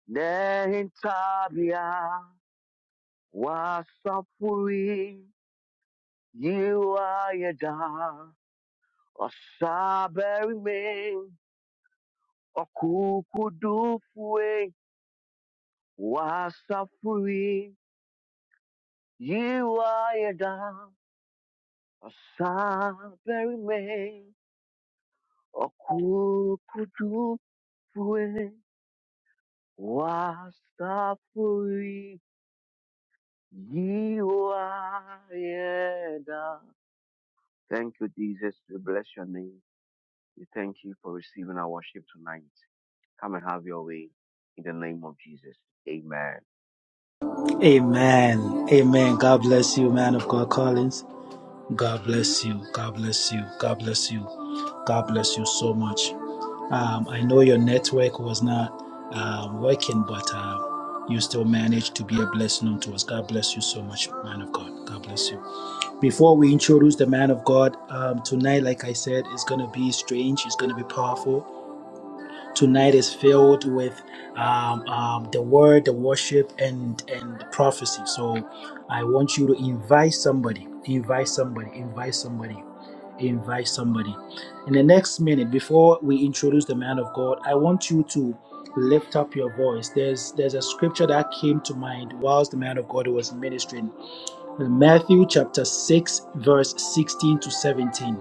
nehintabia wasafuri yiwa yeda osaberi me okukudufue wasafuri yiwa Asabere okukujufwe wasafuri yiwaeda. Thank you, Jesus. We bless your name. We thank you for receiving our worship tonight. Come and have your way in the name of Jesus. Amen.
Amen. Amen. God bless you, man of God, Collins. God bless you. God bless you. God bless you. God bless you so much. Um, I know your network was not um, working, but um, you still managed to be a blessing unto us. God bless you so much, man of God. God bless you. Before we introduce the man of God um, tonight, like I said, it's going to be strange. It's going to be powerful. Tonight is filled with um, um, the word, the worship, and and prophecy. So I want you to invite somebody, invite somebody, invite somebody, invite somebody. In the next minute, before we introduce the man of God, I want you to lift up your voice. There's there's a scripture that came to mind whilst the man of God was ministering. Matthew chapter 6, verse 16 to 17.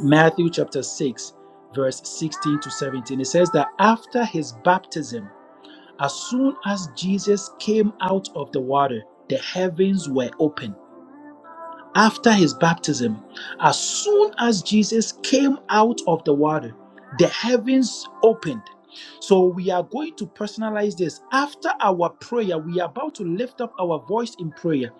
Matthew chapter 6, verse 16 to 17. It says that after his baptism, as soon as Jesus came out of the water, the heavens were opened after his baptism, as soon as Jesus came out of the water, the heavens opened. So we are going to personalize this. After our prayer, we are about to lift up our voice in prayer.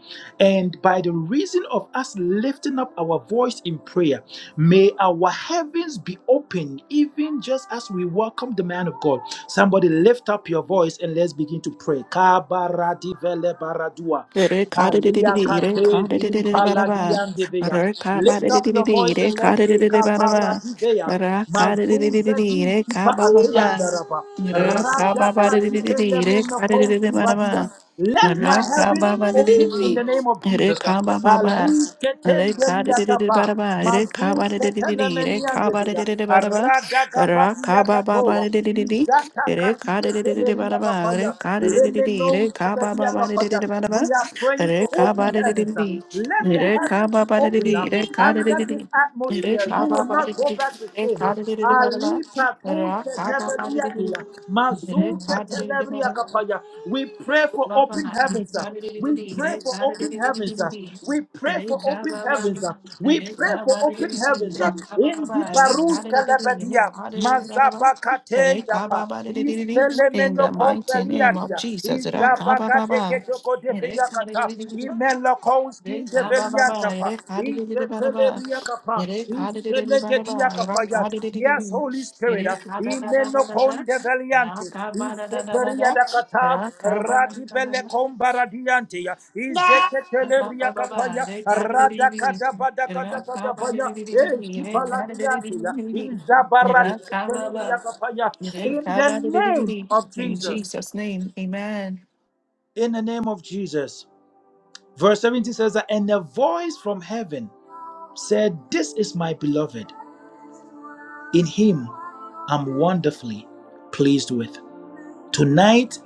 And by the reason of us lifting up our voice in prayer, may our heavens be open, even just as we welcome the man of God. Somebody lift up your voice and let's begin to pray. Kabaradivelebaradua.
Re ka de de de
Alia
de, re
kate
ka de de de
zim
de ba da ba,
paladian deveya.
re ka ba de
Lift
de
up
de
your
de,
voice
re
and
ka
let's
de de
say
de ba da ba,
kaparadiveya.
ra ka de de de
Mazuze
de,
din
re ka
sipa
ba ba ba,
ateyandaraba.
ra ka ba ba
Radaka
de de
dipele
de, re ka de
menoko
de de ba da ba,
Let my
ra ka ba
heavens be
ba de de
open in
de,
the name of
re
Jesus.
ka ba ba ba,
Ali
re ka de
ketendelia
de de ba
tapa.
da ba, re ka ba
Mazuz
de de de, re
ketelemenian
ka ba de de
deveya.
de ba da ba,
Radaka
ra ka ba
badiata
ba ba de de de,
Izata
re
kati
ka de de de ba da
keteleria
ba, re
kapaya.
ka de de de, re ka ba ba ba
Lemenoza
de
we
de de ba da ba.
are praying
Re
for
ba
open
de de de
heavens. uh.
de.
Let the
Re ka
heavens be
ba ba de de
open up
de. Re ka de de
under
de
this
de. Re
atmosphere.
ka
You
ba
will
ba
not
de de
go
de.
back the
Re
same. uh.
ka de de de de ba de
Ali
ba.
Paku
Ra ba ba de de
Tetebelia
de
Dia,
de. Re
Mazu
de de de de ba
Teteleria
de
Kapaya. We pray for
ba
open
ba. Re
heavens. uh.
ka de de de de
We
de.
pray
Re
for
ka de de
open
de de de de
heavens. uh. We pray
de. Re
for open
ba ba.
heavens. uh. We
Re
pray for
ba de de
open
de de.
heavens.
Re
uh.
ka ba
In
ba ba.
the
Re
Barus
de de de de. Re
Kalabadia,
de de de ba de ba. Re
Mazabakate
ba
Yapa,
ba de de de
Is
de de. In the
Telemeno
mighty name of
Compeliadia,
Jesus. Ra ba ba ba. Re ka de
Isabagadekechokotepeyakata.
de de de de. Re ka ba ba ba,
Imelokouskindeveliantapa.
re ka di di di di ba da ba,
Isetelebriakapa.
re ka di di di di ba da ba, ra
Iselekediakapaya.
ka di di di di di,
Yes, Holy Spirit.
re ka da da da da da da,
Imenokondeveliante.
ya ka ba da da da da da,
Isekeriadakata.
ra ka ba da da da da da,
Radibelekombaradiante.
ka ba ba ba ba,
Izeketeleriakapaya.
re ka di di di di, ra ka ba di
Radakadabadakadakadabaya.
di di di di, re ka di di di
Eskipaladiante.
di di, di. ra ka ba ba,
Izabaradiakapaya.
re
In
ka
the
ba di di di di.
name
di.
of
In
Jesus
Jesus' name, Amen.
in the name of Jesus. Verse 17 says that, and a voice from heaven said, This is my beloved. In him I'm wonderfully pleased with. Tonight,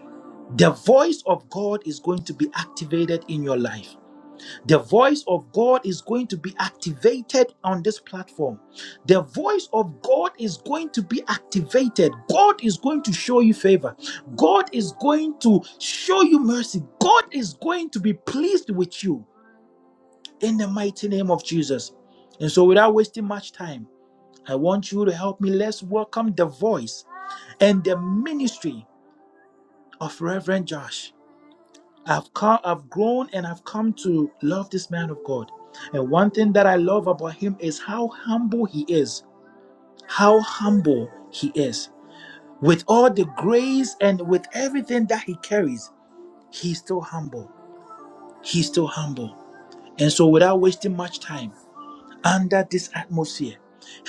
the voice of God is going to be activated in your life. The voice of God is going to be activated on this platform. The voice of God is going to be activated. God is going to show you favor. God is going to show you mercy. God is going to be pleased with you. in the mighty name of Jesus. And so, without wasting much time, I want you to help me. Let's welcome the voice and the ministry of Reverend Josh. I've come, I've grown, and I've come to love this man of God. And one thing that I love about him is how humble he is. How humble he is. With all the grace and with everything that he carries, he's still humble. He's still humble. And so, without wasting much time, under this atmosphere.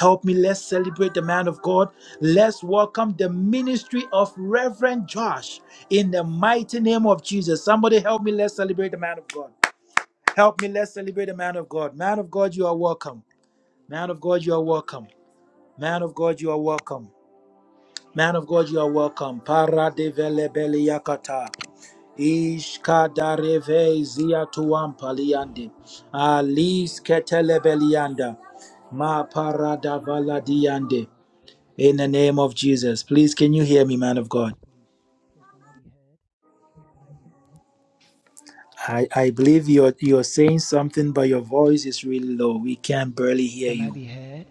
Help me, let's celebrate the man of God. Let's welcome the ministry of Reverend Josh in the mighty name of Jesus. Somebody help me, let's celebrate the man of God. Help me, let's celebrate
Amen.
the man of God. Man of God, you are welcome. Man of
Amen.
God, you are
Amen.
welcome. Man of God, you are welcome. Man of God, you are welcome. Para de vele bele yakata. Ishkadareve
Amen. Amen.
ziatuampaliande.
Shadabarakataska
Alis
parotiske
ketelebelianda.
perebia soda.
Ma
De
paradavalladiande. In
gadarabasokata.
the name of Jesus. Please, can you hear me, man of
Yes,
God?
please. Please, can I be heard?
I, I believe you're you're saying something, but your voice is really low. We can barely hear
Can I
you.
be heard?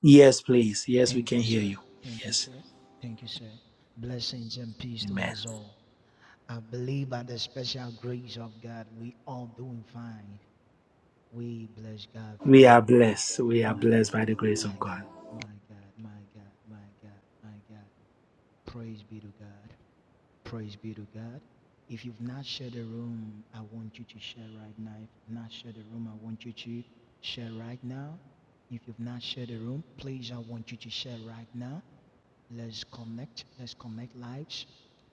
Yes, please. Yes, we
Thank
can
you,
hear
sir.
you.
Thank you,
Yes.
sir. Thank you, sir. Blessings and peace to
Amen.
us all. I believe by the special grace of God, we all doing fine. We bless God
We
for
are blessed. We are
my
blessed
God,
by the grace
my
of God.
God, my God, my God, my God, my God. Praise be to God. Praise be to God. If you've not shared the room, I want you to share right now. If you've not shared the room, I want you to share right now. If you've not shared the room, please, I want you to share right now. Let's connect. Let's connect lives.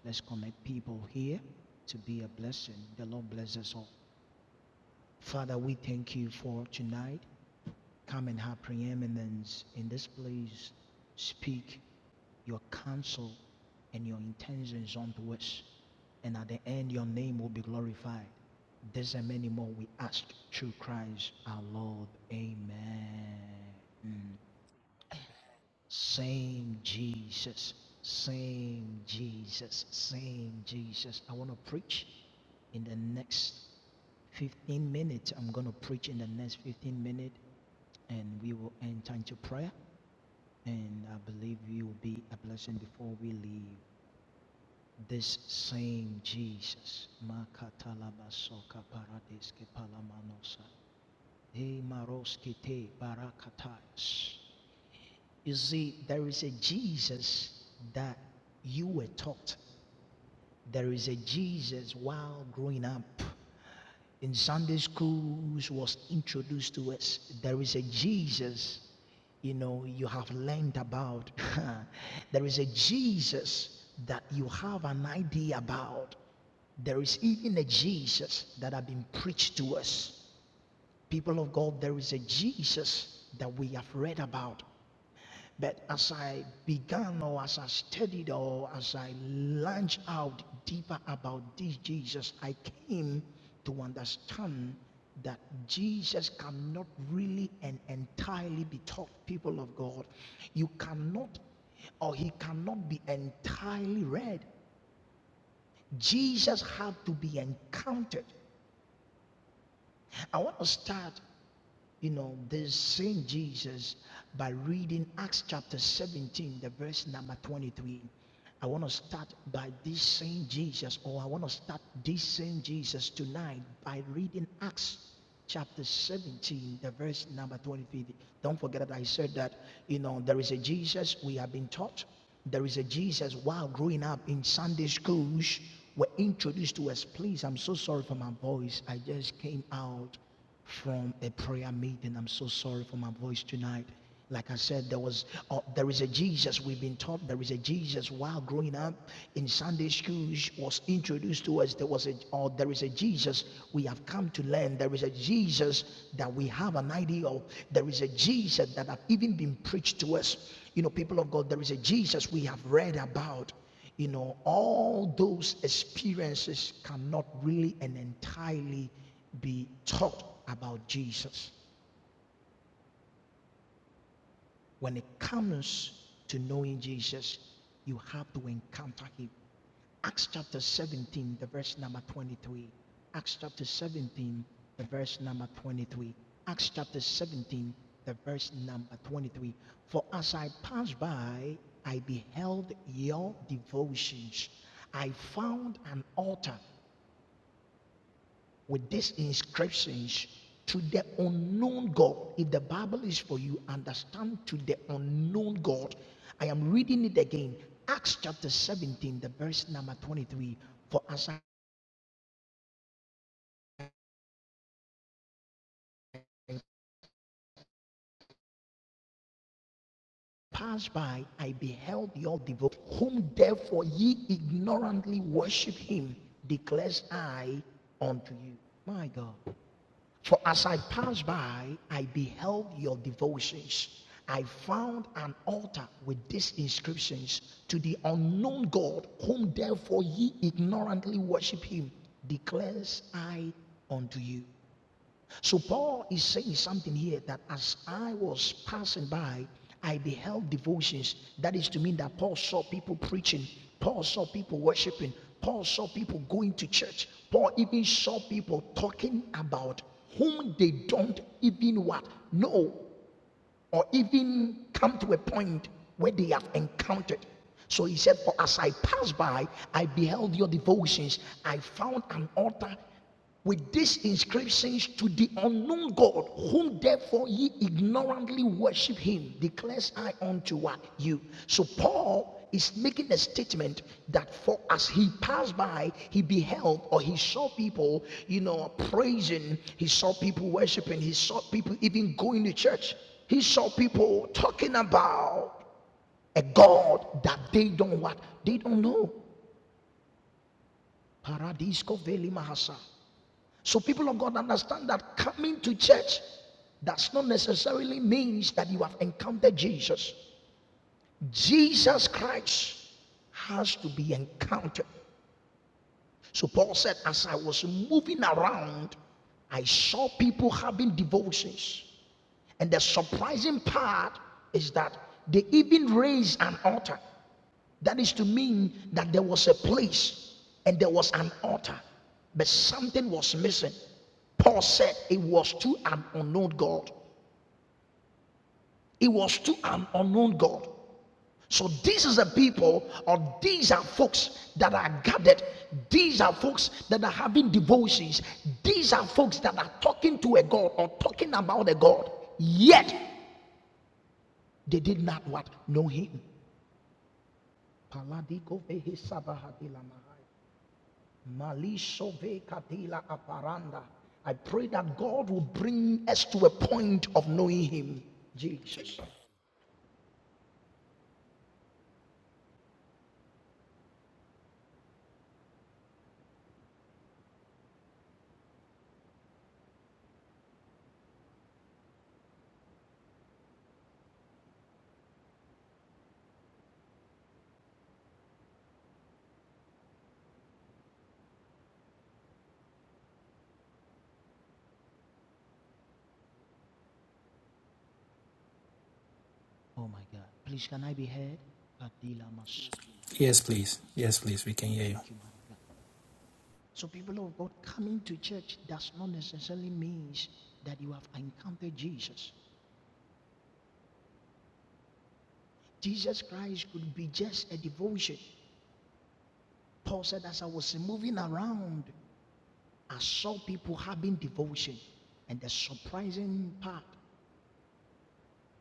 Let's connect people here to be a blessing. The Lord bless us all. Father, we thank you for tonight. Come and have preeminence in this place. Speak your counsel and your intentions unto us. And at the end, your name will be glorified. This and many more we ask through Christ our Lord. Amen. Same Jesus, same Jesus, same Jesus. I want to preach in the next 15 minutes. I'm going to preach in the next 15 minutes and we will enter into prayer. And I believe you will be a blessing before we leave. This same Jesus. Makatalabasoka paradiske palamanosa. Hey, maroski te barakatayas. You see, there is a Jesus that you were taught. There is a Jesus while growing up in Sunday schools was introduced to us. There is a Jesus, you know, you have learned about. (laughs) there is a Jesus that you have an idea about. There is even a Jesus that have been preached to us. People of God, there is a Jesus that we have read about. But as I began, or as I studied, or as I launched out deeper about this Jesus, I came to understand that Jesus cannot really and entirely be taught, people of God. You cannot, or he cannot be entirely read. Jesus had to be encountered. I want to start. you know, this same Jesus by reading Acts chapter 17, the verse number 23. I want to start by this same Jesus, or I want to start this same Jesus tonight by reading Acts chapter 17, the verse number 23. Don't forget that I said that, you know, there is a Jesus we have been taught. There is a Jesus while growing up in Sunday schools were introduced to us. Please, I'm so sorry for my voice. I just came out from a prayer meeting. I'm so sorry for my voice tonight. Like I said, there was, uh, there is a Jesus we've been taught. There is a Jesus while growing up in Sunday schools was introduced to us. There was a, or there is a Jesus we have come to learn. There is a Jesus that we have an idea of. There is a Jesus that have even been preached to us. You know, people of God, there is a Jesus we have read about. You know, all those experiences cannot really and entirely be taught about Jesus. When it comes to knowing Jesus, you have to encounter him. Acts chapter 17, the verse number 23. Acts chapter 17, the verse number 23. Acts chapter 17, the verse number 23. For as I passed by, I beheld your devotions. I found an altar with these inscriptions to the unknown God. If the Bible is for you, understand to the unknown God. I am reading it again. Acts chapter 17, the verse number 23. For as I passed by, I beheld your devote, whom therefore ye ignorantly worship him, declares I unto you. My God. For as I passed by, I beheld your devotions. I found an altar with these inscriptions to the unknown God, whom therefore ye ignorantly worship him, declares I unto you. So Paul is saying something here that as I was passing by, I beheld devotions. That is to mean that Paul saw people preaching, Paul saw people worshiping, Paul saw people going to church. Paul even saw people talking about whom they don't even what know or even come to a point where they have encountered. So he said, For as I passed by, I beheld your devotions. I found an altar with these inscriptions to the unknown God, whom therefore ye ignorantly worship him, declares I unto you. So Paul is making a statement that for as he passed by, he beheld or he saw people, you know, praising, he saw people worshiping, he saw people even going to church. He saw people talking about a God that they don't what? They don't know. Paradisco veli mahasa. So people of God understand that coming to church does not necessarily means that you have encountered Jesus. Jesus Christ has to be encountered. So Paul said, as I was moving around, I saw people having devotions. And the surprising part is that they even raised an altar. That is to mean that there was a place and there was an altar, but something was missing. Paul said it was to an unknown God. It was to an unknown God. So this is a people, or these are folks that are gathered. These are folks that are having devotions. These are folks that are talking to a God or talking about a God. Yet they did not what know Him. Malishove katila aparanda. I pray that God will bring us to a point of knowing Him. Jesus. Oh my God. Please, can I be heard? Adila Mas. Thank you, man of God. So, people of God, coming to church does not necessarily means that you have encountered Jesus. Jesus Christ could be just a devotion. Paul said, as I was moving around, I saw people having devotion. And the surprising part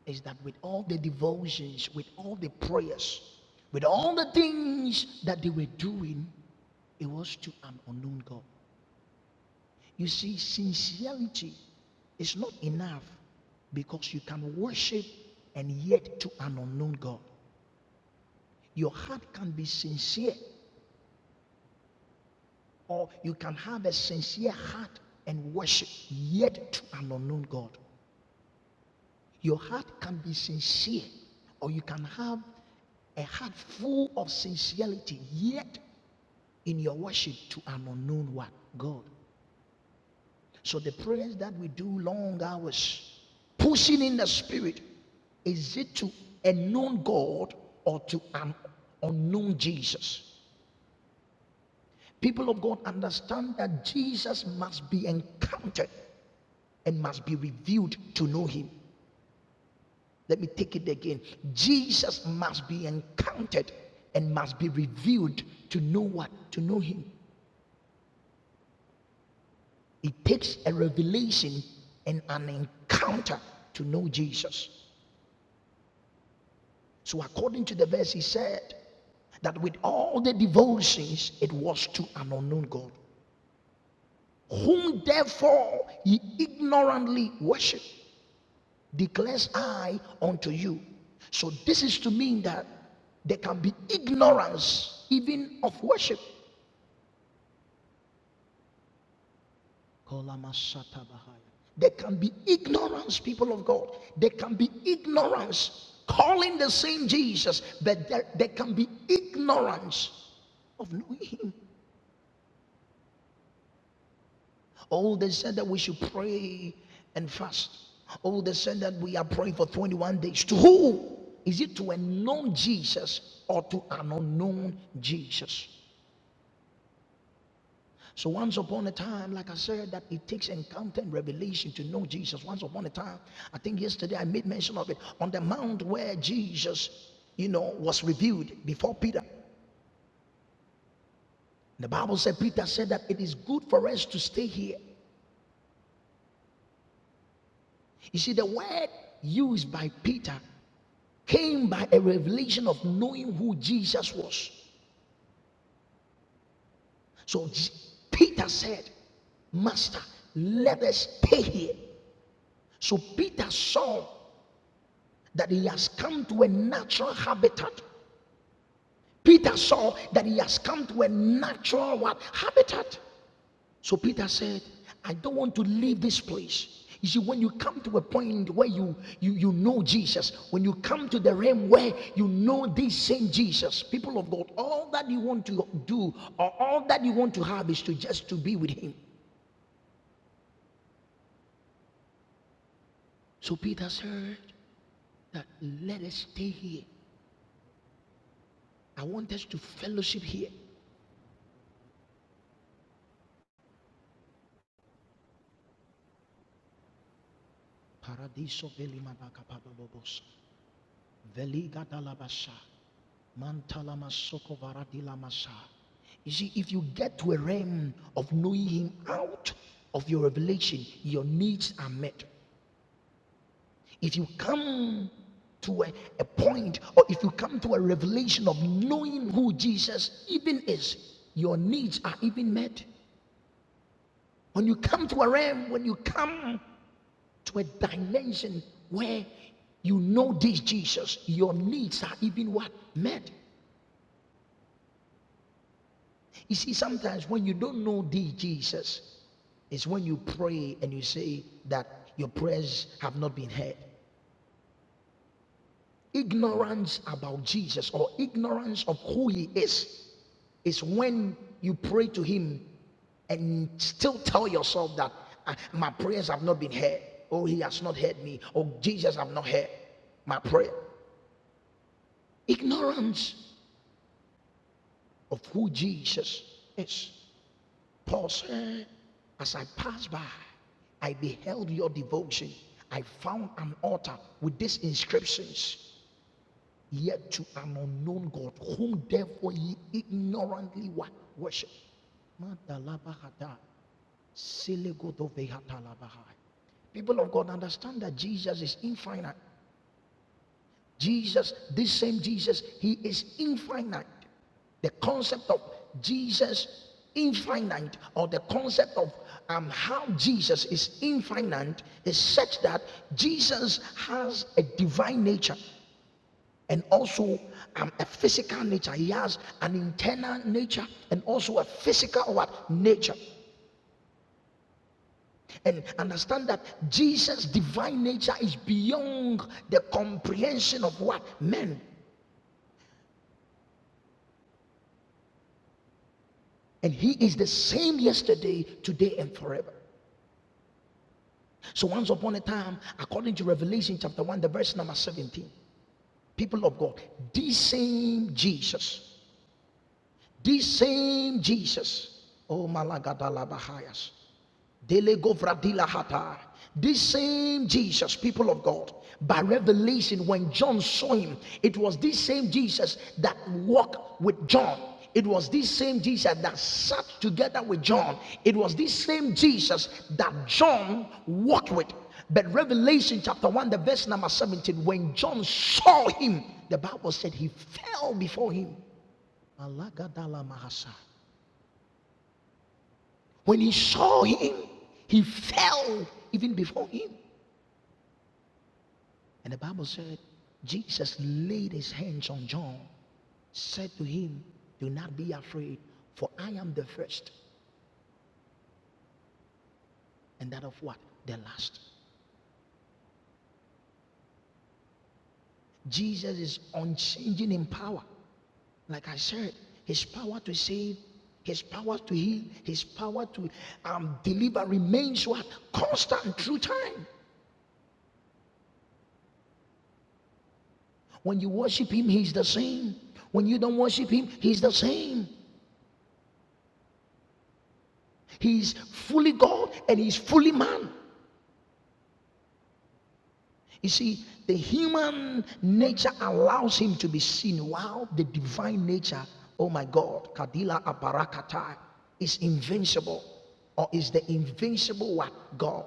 is that with all the devotions, with all the prayers, with all the things that they were doing, it was to an unknown God. You see, sincerity is not enough because you can worship and yet to an unknown God. Your heart can be sincere, or you can have a sincere heart and worship yet to an unknown God. Your heart can be sincere, or you can have a heart full of sincerity, yet in your worship to an unknown one, God. So the prayers that we do long hours, pushing in the spirit, is it to a known God or to an unknown Jesus? People of God understand that Jesus must be encountered and must be revealed to know him. Let me take it again. Jesus must be encountered and must be revealed to know what? To know him. It takes a revelation and an encounter to know Jesus. So, according to the verse, he said that with all the devotions, it was to an unknown God, whom therefore ye ignorantly worship, declares I unto you. So, this is to mean that there can be ignorance even of worship. Kolamashatabahaya. There can be ignorance, people of God. There can be ignorance calling the same Jesus, but there, there can be ignorance of knowing Him. Oh, they said that we should pray and fast. Oh, they said that we are praying for 21 days. To who? Is it to a known Jesus or to an unknown Jesus? So once upon a time, like I said, that it takes encounter and revelation to know Jesus. Once upon a time, I think yesterday I made mention of it on the mount where Jesus, you know, was revealed before Peter. The Bible said Peter said that it is good for us to stay here. You see, the word used by Peter came by a revelation of knowing who Jesus was. So Peter said, Master, let us stay here. So Peter saw that he has come to a natural habitat. Peter saw that he has come to a natural what habitat. So Peter said, I don't want to leave this place. You see, when you come to a point where you, you, you know Jesus, when you come to the realm where you know this same Jesus, people of God, all that you want to do or all that you want to have is to just to be with him. So Peter said that let us stay here. I want us to fellowship here. Paradiso velimanaka padolobos. Veliga dalabasha. Mantala masoko varadila masa. You see, if you get to a realm of knowing him out of your revelation, your needs are met. If you come to a, a point, or if you come to a revelation of knowing who Jesus even is, your needs are even met. When you come to a realm, when you come to a dimension where you know this Jesus, your needs are even what met. You see, sometimes when you don't know this Jesus, it's when you pray and you say that your prayers have not been heard. Ignorance about Jesus or ignorance of who he is is when you pray to him and still tell yourself that "Ah, my prayers have not been heard. Oh, he has not heard me. Oh, Jesus have not heard my prayer. ignorance of who Jesus is. Paul said, As I passed by, I beheld your devotion. I found an altar with these inscriptions, yet to an unknown God, whom therefore ye ignorantly wa- worship. Madalabahata, selegodovehatalabahai. People of God understand that Jesus is infinite. Jesus, this same Jesus, he is infinite. The concept of Jesus infinite or the concept of um, how Jesus is infinite is such that Jesus has a divine nature and also um, a physical nature. He has an internal nature and also a physical what nature. And understand that Jesus' divine nature is beyond the comprehension of what men And he is the same yesterday, today, and forever. So once upon a time, according to Revelation chapter 1, the verse number 17, people of God, the same Jesus, the same Jesus, oh Malagadala bahayas. Delegovradilahata. This same Jesus, people of God, by revelation, when John saw him, it was this same Jesus that walked with John. It was this same Jesus that sat together with John. It was this same Jesus that John walked with. But Revelation chapter 1, the verse number 17, when John saw him, the Bible said he fell before him. When he saw him, he fell even before him. And the Bible said, Jesus laid his hands on John, said to him, Do not be afraid, for I am the first, and that of what? The last. Jesus is unchanging in power. Like I said, his power to save, his power to heal, his power to um, deliver remains what? Constant through time. When you worship him, he's the same. When you don't worship him, he's the same. He's fully God and he's fully man. You see, the human nature allows him to be seen while the divine nature, oh my God, Kadila Aparakata, is invincible or is the invincible what? God.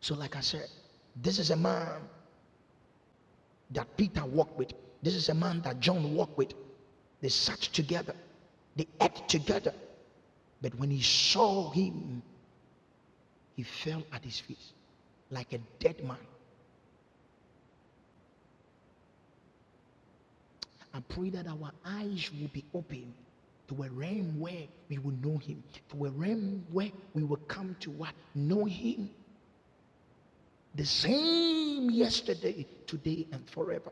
So, like I said, this is a man that Peter walked with. This is a man that John walked with. They sat together, they ate together. But when he saw him, he fell at his feet like a dead man. I pray that our eyes will be open to a realm where we will know Him, to a realm where we will come to what? Know Him the same yesterday, today, and forever.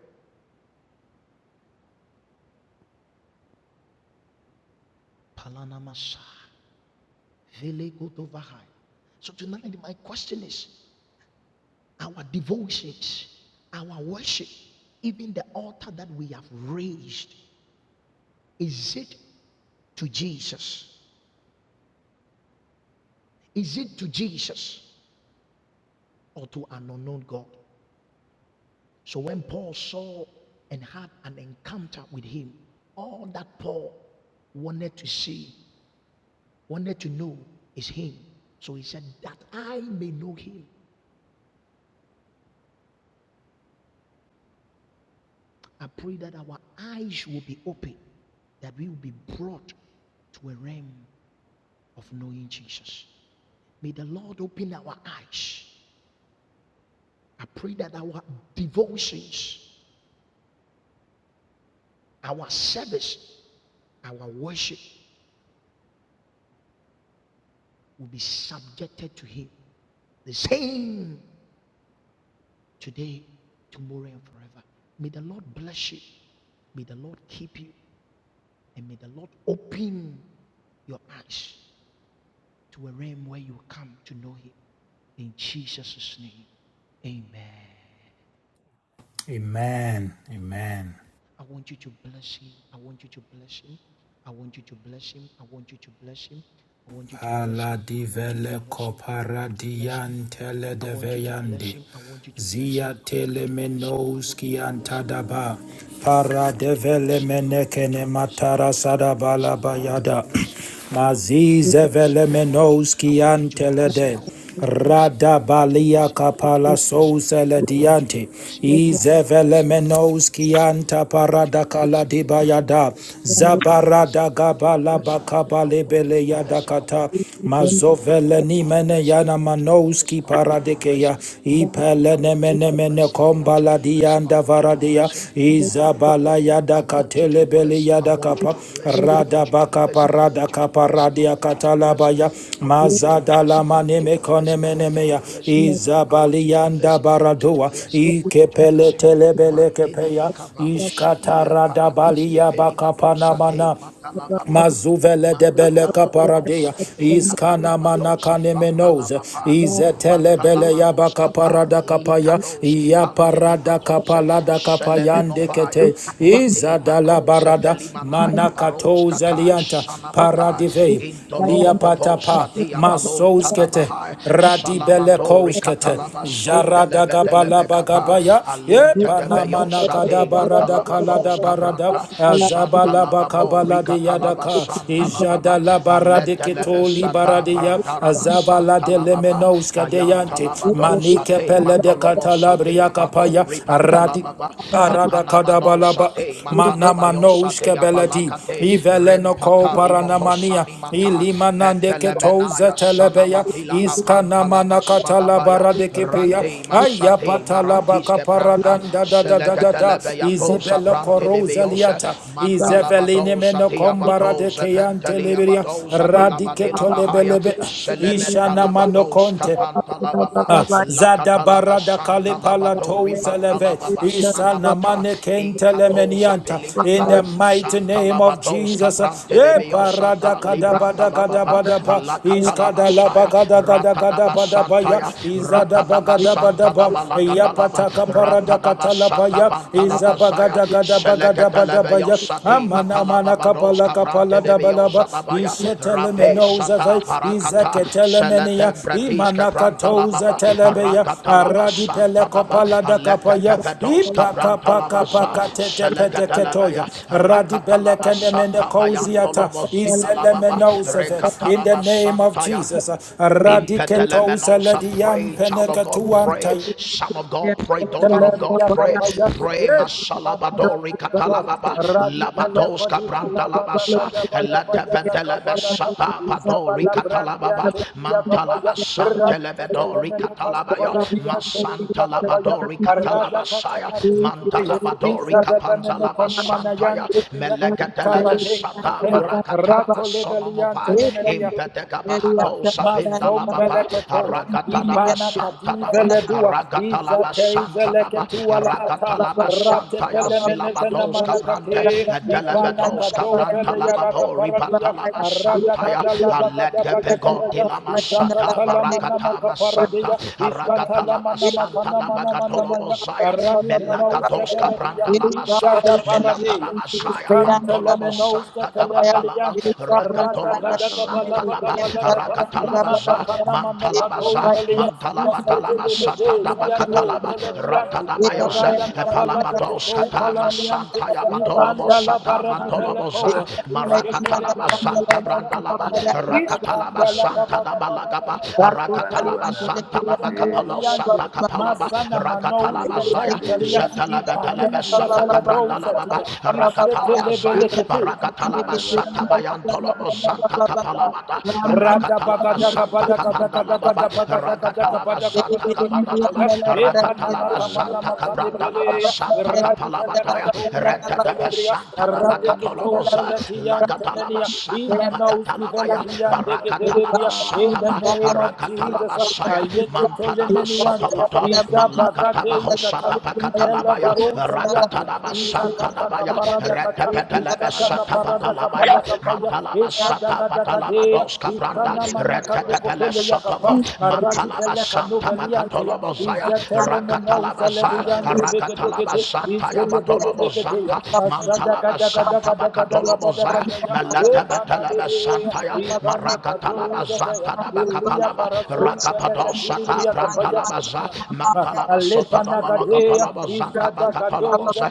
Palanamasa, Velegotovahai. So tonight, my question is our devotions, our worship, even the altar that we have raised, is it to Jesus? Is it to Jesus or to an unknown God? So when Paul saw and had an encounter with him, all that Paul wanted to see, wanted to know is him. So he said, That I may know him, I pray that our eyes will be open, that we will be brought to a realm of knowing Jesus. May the Lord open our eyes. I pray that our devotions, our service, our worship will be subjected to him. The same today, tomorrow, and forever. May the Lord bless you. May the Lord keep you. And may the Lord open your eyes to a realm where you will come to know him. In Jesus' name, amen.
Amen.
I want you to bless him. I want you to bless him. I want you to bless him. I want you to bless him. I want you to bless
Pala
him. I want you to
divele
bless him. I want
copara
you to bless him.
diantele
I
de
want you to bless
deveyandi.
him. I want you to bless him.
Zia
I want you to bless him. I want you
telemenoski
to bless him.
antadaba.
I
Para
want you to
devele
bless him. I want you to
menekene
bless him. I
matara
want you to bless
sadabala
him. I want you to
bayada.
bless him.
(clears throat)
I want you to
Mazize
bless him.
vele
I want you, I
menoski
want you to bless him.
antelede.
I want you to bless him. I want you to
Radabalia
bless him. I want you to
kapala
bless him.
sousele
I want you to
diante.
bless him. I want you to
Izevele
bless him. I want you to
menoski
bless him.
anta
I want you
parada
to bless him.
kaladi
I want you to
bayada.
bless him. I want you to bless him.
Zabarada
I want you to
gabala
bless him. I
bakabale
want you to
beleyada
bless him. I
kata
want you to bless him.
yadakata.
I want you
Veleni
to
mene
bless him. I
yana
want you to bless
manouski
him. I want you to bless
paradekeya.
him. I
Ipelene
want you to
mene
bless
mene
him. I want you to
kombala
bless him. I
dianda
want you to
varadia.
bless him.
Izabala yada
I want you to
katele beli
bless him. I
yada
want you
kapa.
to bless him. I
Rada
want you to
baka
bless him. I
parada
want you to
kapa
bless him. I
radia
want you to bless him.
katalabaya.
I
you,
want you to
Mazada
bless
la
him. I want you
maneme
to bless
kone
him. I want
mene
you to
meya.
bless him. I want
Izabali
you to
yanda
bless him. I want you to
baradua.
bless him. I want you to
Ikepele
bless him.
telebele
Madele
kepeya.
mikavaho
ishkata
shadia
rada
paradis
bali
ke
ya baka
pelimano sade
panamana.
Thank
matalababa.
Mazuvele de bele
Magadalamanos
kaparadea
ibe
iskana mana
katalabados
kane menoze
ivandalamapa
izetele bele yaba
mantalamanos kapa
kaparada kapaya
likados
iya parada
kipantelimatose
kapalada kapayande
selemenovaya
kete
mate
izadala
makose
barada
pelimanaya
mana
baros
katoze
katai
lianta
shanamata
paradivei
intolobodovos
liapatapa
adia balon
masos kete.
tadabahai
Radibele
salamadori
koshkete,
katalabason
jarada
delebe
gabala
delebe kapa
bagabaya, ye
alinte debeyos
panamana
ade
barada kalada
matalabados kabranta
barada,
Laba, Shanda
azabala
Lababo,
bakabala de
Rikata Laba,
yadaka,
Santa
ijada
Lababa,
la barade
Aleta Lebe
ketoli
Sata,
baradeya,
Brandaraba,
azabala
Santa
de
Lababa,
lemenoska
Ayanta
deyante,
Labado,
manike
Sate,
pele de
Matolobo, Sate,
katalabria
Abado,
kapaya,
Ripata
radi.
Lababa,
Arada
Atanamano,
kadabalaba
Sate, Matanabayo,
manamanos
Sate,
kebeledi
Abalakate,
iveleno ko
Rempata,
paranamania
Limohosani Mata,
ilimanande keto
Etelemenaya,
zetelebeya
Sanamatila,
iskanamana
Apantalaba, Sadabaya,
katalabara de kepeya
Radema, Sate,
ayapatalaba
Maratiske Pranta,
kaparadanda da da da da da
Shalagatalabayatosa
izibelo
Prantidibiose,
korozeliata
you.
izeveline
Mantalabadosa
meno kombara de
Tiabatosa,
keyante leberia
Penteliabatosa
radiketo
Tilabatilabahaya,
lebelebe ishana mano
Selementalabados
konte
Capantalababa,
Ah,
Lakatalaba
Zadabarada
Santalabato,
kalepalato saleve
Ripantalababa Sanamata,
isanamane
Incatosa
kentelemenianta in the
Pelimata,
mighty name of
Santalabados
Jesus. E
Caprantidibiosa,
parada kadabada
Librantalababa,
kadabadaba iskadalaba
Alakatalabasaya,
kadagada kadabadabaya
Ratadabasantaya, Rakadaba
izadabagadabadaba
Santanaba
Thank
Lagadalaba
yapataka parada
Ratadaba
katalapaya
Satabantalaba Zaya
izabagada
Selegatalebe
gadabadabadabaya
Yosati Matalaba Bados
kapala kapala
Cabrante de
dabalaba
Yosadabaya
ishetele
Rabe
menoza ve
Sata Barakata
izeketele menia
Seletembratis
imanakatoza
Cabrantalaba
telebeya
Ragatalaba
aradi pele
Santanaba
kopala da kapaya
Alekatabedos
ipa kapa
Cabrantalaba
kapa
Za
katete pete
Selegatalebaya
ketoya radi pele
Rakatalaba
kende mende
Sata
kouziata
Bayantolobo
isele
Zindalaba
menoza ve in the
Rekatanaba
name of
Santaya
Jesus radi
you.
ketousa
Impedimenosa,
lediam
pray, child of God, pray,
penekatuanta
Thank
son of God, pray, daughter of God,
Teleria
pray,
Capaya,
pray,
Eli Parada
Masalabadori
Cadaba,
Catalababa,
Radibele
Labados
Codiva
Cabranta
Labanda
Labasa,
Cadabada Bayada
Latabedelebesa,
Cabalada,
Padori
Isabala Brandi and
Catalababa,
Teleria Capaya,
Mantalabasan
Radica
Telebedori
Telemena
Catalabaya,
Casvala Via
Masanta
Teleria Capaya,
Labadori
Arada
Catalabasaya,
Catala de Venebea,
Mantalabadori
Isabella Menoconemana
Capandalabasantaya,
Yantepea, Icarade
Melegadelebesata,
Capea,
Barakataba,
Rato
Sonomova,
Lebeliante Nemenia,
Impedegabahado. Rato Sabinda Lababa,
masombeleketo
Aragatalaba
ipana
Santa Daba,
you.
kadiveledua
Aragatalaba Santa Daba,
izateizeleketua la
Thank
ata
Aragatalaba Santa Yazilabados
ratepelemenekenamanakate
Cabrante,
ipana
Delebedos Cabranta
kadovele yaraka
Lababo,
paraduya
Ribantalaba Santaya, Aledepegoti
radakadalabagadabadagadaya
Lama Santa,
izakatalamanamaka
Baragatama Santa,
paradeya
Aragatalaba Santa Dabagatolo
iskatalamanamakanamanamanamaya
Mosaya,
Karani menouska
Melagados
teledia,
Cabranta Labasa,
izada baradeia,
Melatada Asaya
iskantele
Mantolobo
menouska
Santa Gabatalaba,
telebelianta, rada
Ragatolobo
Palava-
kadaga
Santa
balaba
Talaba,
gabalada ba, imana
Rakatalabaza,
kanama no
Mantalabaza,
katoupelia, iske
Mantalabadalaba,
delevede
Satadaba
ziato
Catalaba,
you.
teledianti,
Thank
Ratadabayas,
rada
Palabados, Katama,
kapala yante
Santa Yabatolobo,
ikandala
Bala
Santa
bara di bele
bala
kowa
Mantoloboza,
iskete de
Marakatalaba,
bele
Santa
da
Brandalaba,
kaya
Rakatalaba,
iskandala da
Santa
baga bala
Dabalagaba,
baga aradi
Rakatalaba,
katu
Santa
de bele
Dabacapalo, Santa Capalaba,
you.
masana manou
Thank
Rakatalaba
skete
Zaya,
ntalia
Zatalaba,
ikani
Talaba, Santa
skefele dousa
Cabrandalaba,
tia ishete
Rakatalaba Zaya,
lebele
Barakatalaba, Santa Bayantolobo, Santa. Santa Capalabata,
Rada
Rakatalaba
bagada
Santa
gabada gada gada
Capandalababa,
gada bagada gada
Rakatalaba
gabada
bala
Santa
gabada gada
Capatalaba,
gabaya. E panana
Rakatalaba
kamana
Santa
makane
Cabrandalaba
peleya.
bala
Santa
Radi kele
Capalabataya,
Radabagadagabadagadagadagadabagadagadabagadagadabaya.
Rentadaba
Epananakamanamakandepeleya. Radikalekatozakatalebria.
Santa Bacatolomosa, Lagatalaba
Radiketozalatiyantemenia.
Santa Bacatalabaya,
Imanausivelebiyandegedelebria.
Barakatalaba
In
Santa
the name of Jesus,
Rakatalaba Saya,
you. Thank
Mantanaba
Ayeketolemeniante,
Sotopota, Malagataba
Izabagadeiskata,
Hosata Bacatalabaya,
Ipelavarosaliante,
Rakatanaba Santa Nabaya,
kaparada kata,
Rentapelebe
iskata
Santa
kaparada
Batalabaya,
kapala
Manta
kapaya,
Matalaba
iska
Sata
daga daga
Matalaba
dea,
Doska
iska
Branda
namana katoko
Retetepele
pele ya kapa,
Sotovo
aradi
Matalaba
bele kanu
Santa
veliante ya,
Macatolobo Zaya
izatele meno
Rakatalaba
uzale
Zaya
Palawa,
diante bege dege
Rakatalaba
de,
Santa
izgede bege
Yabatolobo
dege de ya,
Santa
ashada
Mantalaba
gada gada
Santa
gada gada
Macatolobo
gada
Zaya
gada ya, epana
Meletebetelebe
nebea,
Santa Ya
ibana kado
Maragatalaba
uzate ya,
Santa
you.
ilia
Nabacapalaba
paraso
Which
uzale
upon
Ragapado
what
katili
they
Sata
bria
want
kapaya,
Brantalaba
to
Zaya
have
Mantalaba
it is
Sotobo
really that
Alebanagadeya,
Logotolobo Santa Macatolobo
Papa
Izadagadoza
Zaya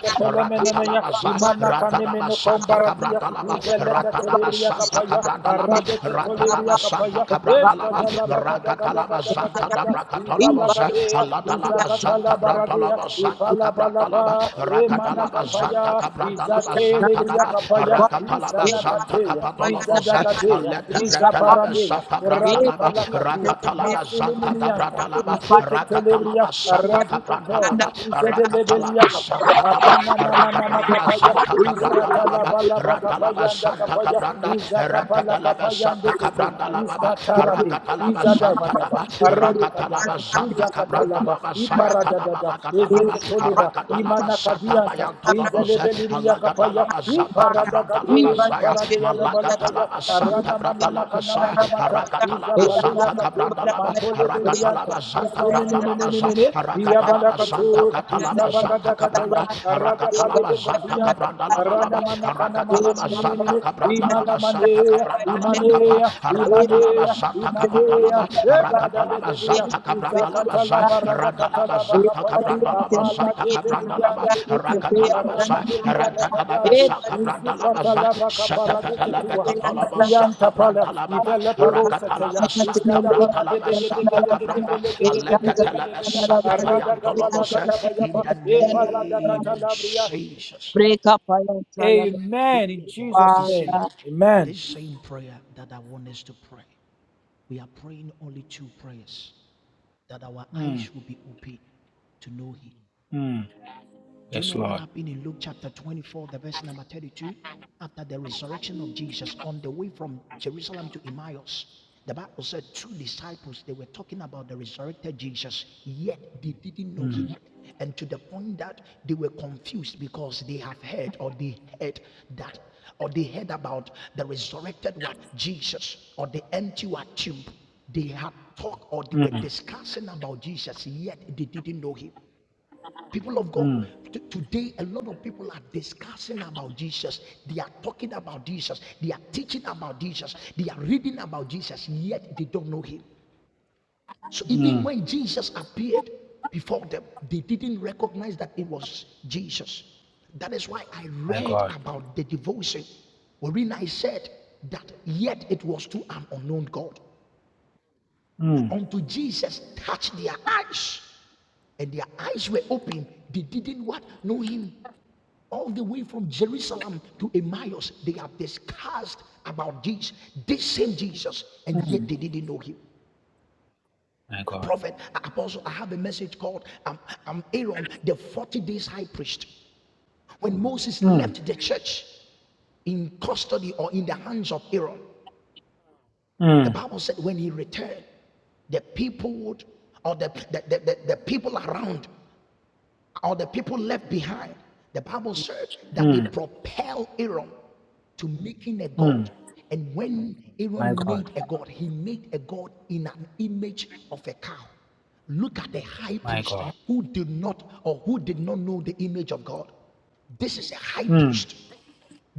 with
Capelemenemea,
Rakatalaba Zaya
Imana
Tarana
Ratanaba
Kanemeno
Santa
Combaradia,
Cabrandalaba
Iveleca
Ratadaba
Telebria
is
Santa
Capaya,
what
Cabrandalaba,
they
Aradeke Tolebria
Ratadaba
apply
Santa
Capaya,
the
Cabrandalaba,
Escadala
Ragatalaba Santa
Bagadagadagadagadagada,
Dabracatalabosa,
Ibalagadeya,
Aladalaba
Thank
Santa
Izakatala
you.
Baradea,
Brandalaba Santa
Thank
Cabrandalaba,
Ipalabalaba, Emana
Ragatalaba Santa
Capaya,
Cabrandalaba Santa
Izatelebria
Daba,
Capaya,
Ragatalaba Santa
Isanakate,
Capadolobosa,
Izadagadeya,
Aleta Brandalaba
Izaparadeya,
Santa Brandalaba,
Radikalakatua,
Ragatalaba Santa
Masuliminianta,
Dabrandalaba,
Izeketelebria,
Ragatalaba Santa
Radiketo,
Cabrandalaba,
you.
Ragatalaba
Izedelebeliakapa,
Santa Daba, Ragatalaba
Apananamanamakapaya,
Santa Cabrandalaba, Ratalaba Santa
Iskatalabalabakapayandakapaya,
Cabranda, Ratalaba Santa
Izakapalakapayandekete,
Cabranda Lababa,
Thank
Iskatarade,
Rakatalaba Santa
Izadavadaba,
Daba, Rakatalaba
Aradikadaba,
Santa Cabranda
Izakatalaba,
Laba Saya Tadaba
Iparadadada,
Lakatalaba,
toleba
Rakatalaba
imana
Santa
kadianta
Bayantonobos,
inzelebe libria kapaya
Alagatalaba
i
Santa
parada
Cabranda Laba
gade di
Saya,
parade ya da balabaya
Malagatalaba Santa
arana mana
Bratalaba
makana
Saya,
mana mata iza
Rakatalaba
pale ya
Santa
kate
Cabranda Laba,
matole belianta
Rakatalaba Santa
isene mene
Brandalaba
mene mene iya bala
Rakatalaba Santa
kato
Catalaba
isaba
Santa
kada kada ya
Cabranda,
arada bale
Rakatalaba
be
Santa
kotianta
Cabranda Lava.
arana
Balaba,
mana kana mana
Arakatalaba
mene mene
Santa
mene imana
Cabrandalaba
mane
Santa Cabrandalaba Capa,
you.
imane imane
Arakatalaba Santa Capatalaba,
Imanea, Epada de
Arakatalaba
Dedia,
Santa Cabrandalaba Sa,
Izakatala Barada
Randalaba
Katala
Santa
Bakapaya,
Cabrandalaba
Apala
Santa
de Belian
Cabrandalaba,
Tekete,
Arakatalaba
Aradi
Sa,
de
Rantatalaba
Katandi,
Sa Cabrandalaba Sa,
Izupatala Bakapara de
Satapatalaba
Tetua,
Catalaba Sa
Ikianta Pala,
Cabrandalaba,
Ivela Parosa Teya,
Arakatalaba Santa
Izgada Baka de
Brandalaba
Beke de
Santa
Beke de
Cabranda,
Beleke de Beke de
Alegatalaba
Belebea,
Santa
Arada Kapala
Bayantolobos, in
Katabayapa,
the
Epala da
name of
Catalabria.
Jesus.
Break up, I am
Amen.
People
In
of God, you
Jesus' name.
Father.
see,
Amen.
this same prayer that I want us to pray, we are praying only two prayers that our
Mm,
eyes will be open to know Him
mm,
do you know what
God.
happened in Luke chapter 24, the verse number 32? After the resurrection of Jesus, on the way from Jerusalem to Emmaus, the Bible said two disciples, they were talking about the resurrected Jesus, yet they didn't know him.
Mm,
And to the point that they were confused because they have heard or they heard that, or they heard about the resurrected what? Jesus or the empty what tomb. They had talked or they were
mm,
discussing about Jesus, yet they didn't know him. People of God,
mm.
t- today a lot of people are discussing about Jesus. They are talking about Jesus. They are teaching about Jesus. They are reading about Jesus, yet they don't know him. So even when Jesus appeared before them, they didn't recognize that it was Jesus. That is why I read about the devotion wherein I said that yet it was to an unknown God. Unto Jesus touched their eyes and their eyes were open. They didn't what? Know him all the way from Jerusalem to Emmaus, they have discussed about this, this same Jesus, and yet they didn't know him. Prophet, apostle, I have a message called um, um, Aaron, the 40 days high priest. When Moses
Mm,
left the church in custody or in the hands of Aaron, the
mm,
Bible said when he returned, the people would, or the, the, the, the the people around or the people left behind, the Bible said that they propel Aaron to making a god. And when Aaron made a god, he made a god in an image of a cow. Look at the high priest who did not or who did not know the image of God. This is a high priest.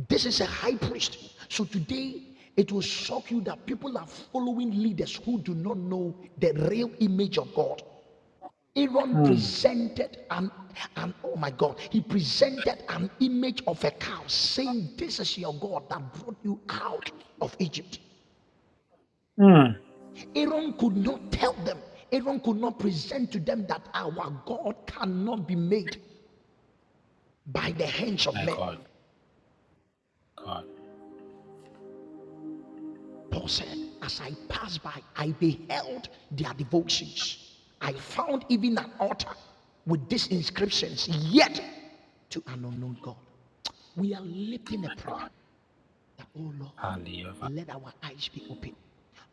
This is a high priest. So today it will shock you that people are following leaders who do not know the real image of God. Aaron
mm,
presented an, an oh my God, he presented an image of a cow, saying, This is your God that brought you out of Egypt.
mm.
Aaron could not tell them, Aaron could not present to them that our God cannot be made by the hands of
My
men.
God, God,
Paul said, As I passed by, I beheld their devotions. I found even an altar with these inscriptions, yet to an unknown God. We are lifting a prayer that, oh Lord,
hallelujah,
let our eyes be open.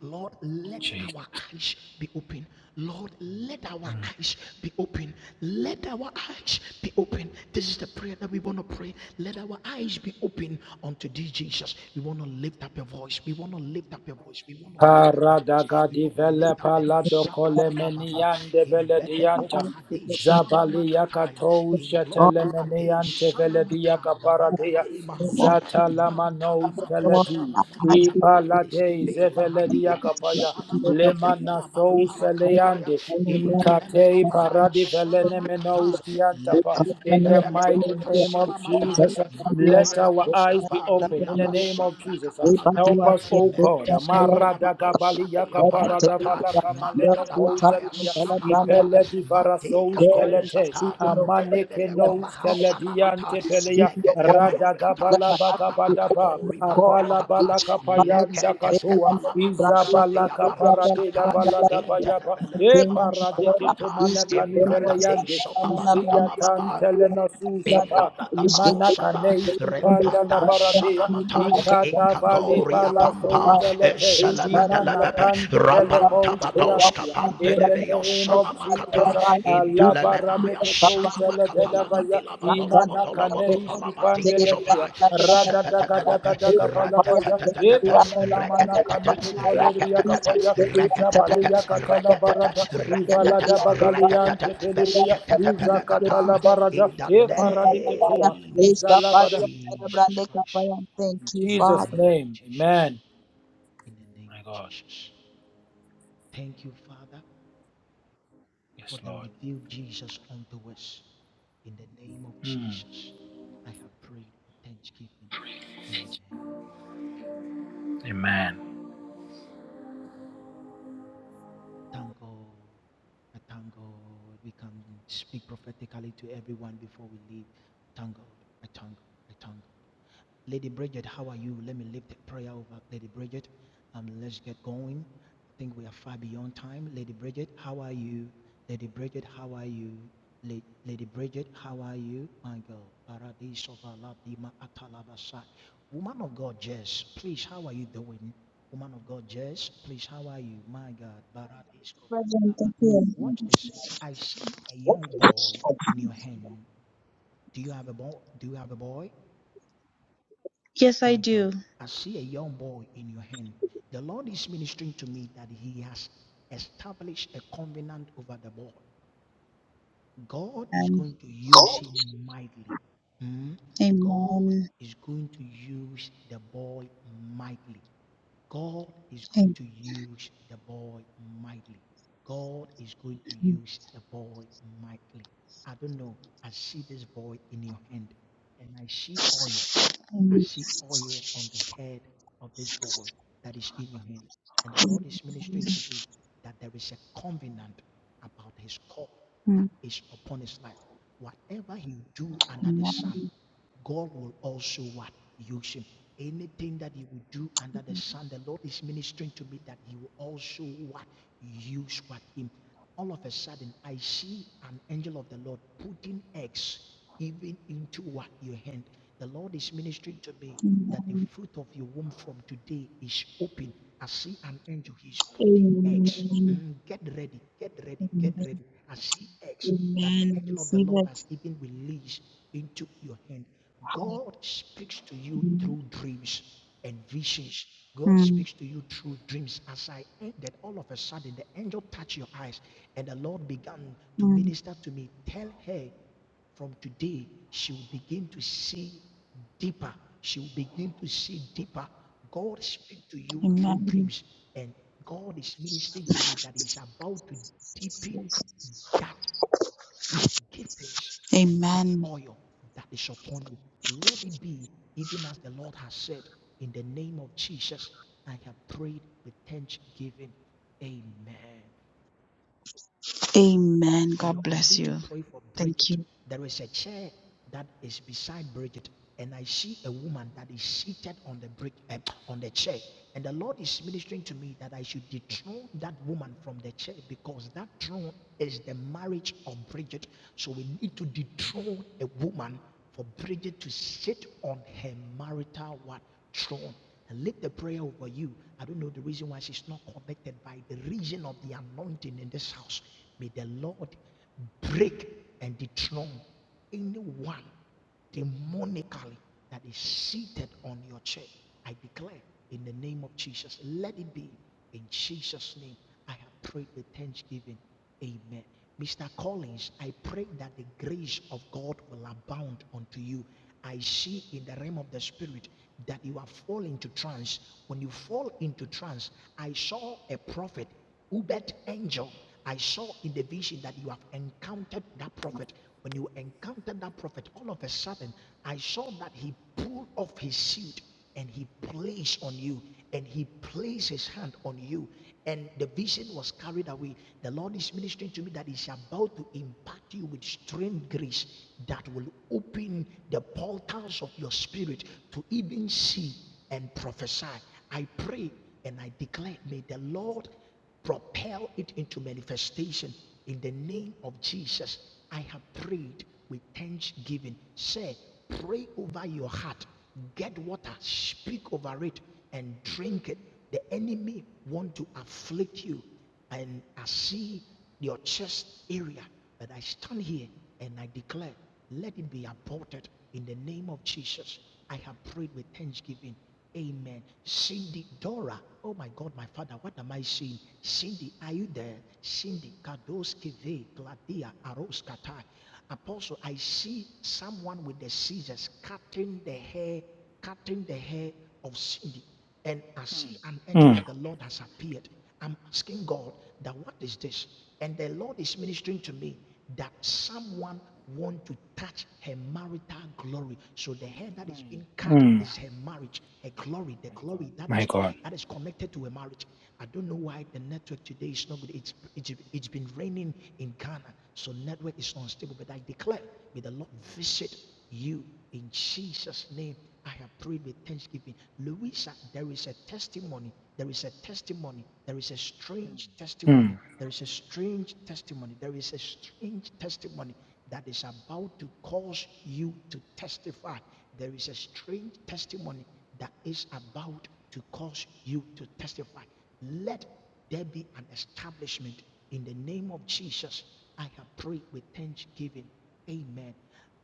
Lord, let
Jesus.
our eyes be open. Lord, let our eyes be open. Let our eyes be open. This is the prayer that we want to pray. Let our eyes be open unto thee, Jesus. We want to lift up your voice. We want to lift up your voice. We want to lift up your voice. We
Paradagadi
want to
vele
lift up your
palado
voice.
kole meniande
In
vele dianta.
Bedegova Hade
Zabalia
Shanamakataya.
katou
In Globa
shatelemene
Ade
anteveledia
Shanamata.
kaparadea
Baragadeli
name
Mahose.
of Jesus.
Mantada
zatalamanos
Father, Lord,
Makosa
kaledi
arise
Labadea.
to you, our hands be open
Brandis
the
ipaladei
Kipe
kingdom and the
zeveledia
Lahadea.
kingdom and
kapaya
the kingdom of God.
Shanamakade
lemana
We
sou
pray
Labambarakataya.
seleande
for the Lord,
In
Lord,
ikatei
Lord,
Tenemenovahaya.
paradi
Lord,
velenemenos
Shanamakata.
Lord. We
kiantapa
come to
in
you and
the
we
mighty
Kedebeleno
pray
name of
for the Lord, Lord, Lord, Lord.
fasilamata
Jesus uh,
Lord,
let our eyes be
matalabakoscava
open in the name of
vinabasanda
Jesus uh,
We pray for
help
kapalagatia
us O God
mentes
the Lord, Lord, Lord.
amarada gabalia
kavalabadosadiya
Father, take
barakata
it,
la
Lord, Lord,
kamaleno
mantada bahaya
kozatia
Lord, Lord, Lord, Lord,
sanamata
Lord.
ipele divara
Mate
soush
God, in the
kelete
Catozata
season, oh
Mante
God,
amane
de
let
kenous
my eyes be
matekatozata
open
mantedebelekovahasanamata
kelediante
to see
pelea
your wonders.
rada
legetebalokata
Let
gabala
my eyes be
sanamakato
bagabadaba
open, oh God.
apala
ribantakapa
bala
It's a promise
kapayanda
to be
katoa
under the ground,
izabala
to
leketeskepalamanosadia
be under the
kaparadela
baroskata
balada
ground.
bayaba
My
e
king, my
intedebelenovahos
parade
God,
sanamata
is
ketomana
the
kanivele
famous and
yande
the
izia
brand is the
embragadesopalagadalababa
tantele
brand.
nasusapa
Is the
imana
brand
Impadagabahosada,
kaneiski
of the
panda la
Rempata
brand.
baradea
Me
Sanamata,
like a brand,
ikata
the brand
vale
Incatoria
that the
Pampa,
Souselete,
fire is not
Limana
Eselemetelebepe,
Kandi
Rapantabados
Belekosiantia.
the
Capante
In
de
brand.
the
Beos
name
Thank
of Jesus,
Sanamakata,
Allah
Intelemenaya
Baradeke
Sanamacapalaga
Souselebaya,
de la Badolo
Imana
Badolo
Kaneiski
Bacopalabati
Pandelevea,
Jopa,
Rada Daga
Shatatatatape,
Daga Daga Balabaya, Epanana Manakaneke Tolebria Kapaya, Zabalia Katala Barada, Ivalada Bagaliante Pelipea, Izakatala Barada,
In the
Eparadiketua,
name of
Izalabada.
Jesus Christ.
In
you,
In the
Jesus'
Father.
name of
name,
Jesus.
Amen.
In the name of Jesus. Thank you, Father, for the revealed Jesus unto us. In the name of Jesus, I have prayed with thanksgiving. Amen. tango, a tango. We can speak prophetically to everyone before we leave. Tango, a tango, a tango, Lady Bridget, how are you? Let me lift the prayer over Lady Bridget. Um, let's get going. I think we are far beyond time. Lady Bridget, how are you? Lady Bridget, how are you? La- Lady Bridget, how are you? My God. Paradisovaladima atalabasa. Woman of God, Jess, please, how are you doing? Woman of God, Jess, please, how are you? My God.
Present,
Paradisovaladima.
thank you.
Watch this. I see a young boy in your hand. Do you have a boy? Do you have a boy? My God, I see a young boy in your hand. The Lord is ministering to me that He has established a covenant over the boy. God is
And
going to use him mightily. Hmm? God
amen.
is going to use the boy mightily. God is going
Thank
to use the boy mightily. God is going to
you.
use the boy mightily. I don't know. I see this boy in your hand and I see oil. I
Amen.
see oil on the head of this boy that is in your hand. And the Lord is ministering to me that there is a covenant about his call that is upon his life. Whatever he do under the sun,
Amen.
God will also what? Use him. Anything that he will do under the sun, the Lord is ministering to me that he will also what? Use what him all of a sudden I see an angel of the Lord putting eggs even into what your hand. The Lord is ministering to me that the
Amen.
fruit of your womb from today is open. I see an angel, he's putting eggs.
Amen.
Mm, get ready, get ready, get
Amen.
ready. I see eggs that
Amen.
the
I
angel of the
receive
Lord
it.
has even released into your hand. God speaks to you
Amen.
through dreams and visions. God
Mm,
speaks to you through dreams. As I ended, all of a sudden, the angel touched your eyes, and the Lord began to
mm.
minister to me. Tell her from today, she will begin to see deeper. She will begin to see deeper. God speaks to you through
Amen.
dreams, and God is ministering to me that He's about to deepen that giftings and that
Amen.
oil that is upon you. Let it be even as the Lord has said, in the name of Jesus, I have prayed with thanksgiving. Amen
Amen.
you
God
know, I
bless
need to
you.
pray for
Thank
Bridget.
you.
There is a chair that is beside Bridget, and I see a woman that is seated on the brick, eh, on the chair. And the Lord is ministering to me that I should dethrone that woman from the chair because that throne is the marriage of Bridget. So we need to dethrone a woman for Bridget to sit on her marital what throne and lift the prayer over you. I don't know the reason why she's not connected by the reason of the anointing in this house. May the Lord break and dethrone anyone demonically that is seated on your chair. I declare in the name of Jesus, let it be in Jesus' name, I have prayed with thanksgiving. Amen. Mr. Collins, I pray that the grace of God will abound unto you. I see in the realm of the spirit that you are falling to trance. When you fall into trance, I saw a prophet, Ubet Angel. I saw in the vision that you have encountered that prophet. When you encountered that prophet, all of a sudden, I saw that he pulled off his suit and he placed on you and he placed his hand on you and the vision was carried away the lord is ministering to me that he's about to impact you with strange grace that will open the portals of your spirit to even see and prophesy i pray and i declare may the lord propel it into manifestation in the name of Jesus. I have prayed with thanksgiving. Say, pray over your heart, get water, speak over it, and drink it. The enemy want to afflict you, and I see your chest area, but I stand here and I declare, let it be aborted in the name of Jesus. I have prayed with thanksgiving. Amen. Cindy, Dora. Oh my God, my father, what am I seeing? Cindy, are you there? Cindy, Kadoski, Ve, Gladia, Aroskatai. Apostle, I see someone with the scissors cutting the hair, cutting the hair of Cindy. And I see an angel
Mm,
of the Lord has appeared. I'm asking God that what is this? And the Lord is ministering to me that someone want to touch her marital glory. So the hair that is being cut
mm.
is her marriage, her glory, the glory that has
My
to,
God.
that is connected to her marriage. I don't know why the network today is not good. It's, it's it's been raining in Ghana, so network is unstable. But I declare, may the Lord visit you in Jesus' name, I have prayed with thanksgiving. Louisa, there is a testimony. There is a testimony. There is a strange testimony.
Mm,
There is a strange testimony. There is a strange testimony that is about to cause you to testify. There is a strange testimony that is about to cause you to testify. Let there be an establishment in the name of Jesus. I have prayed with thanksgiving. Amen.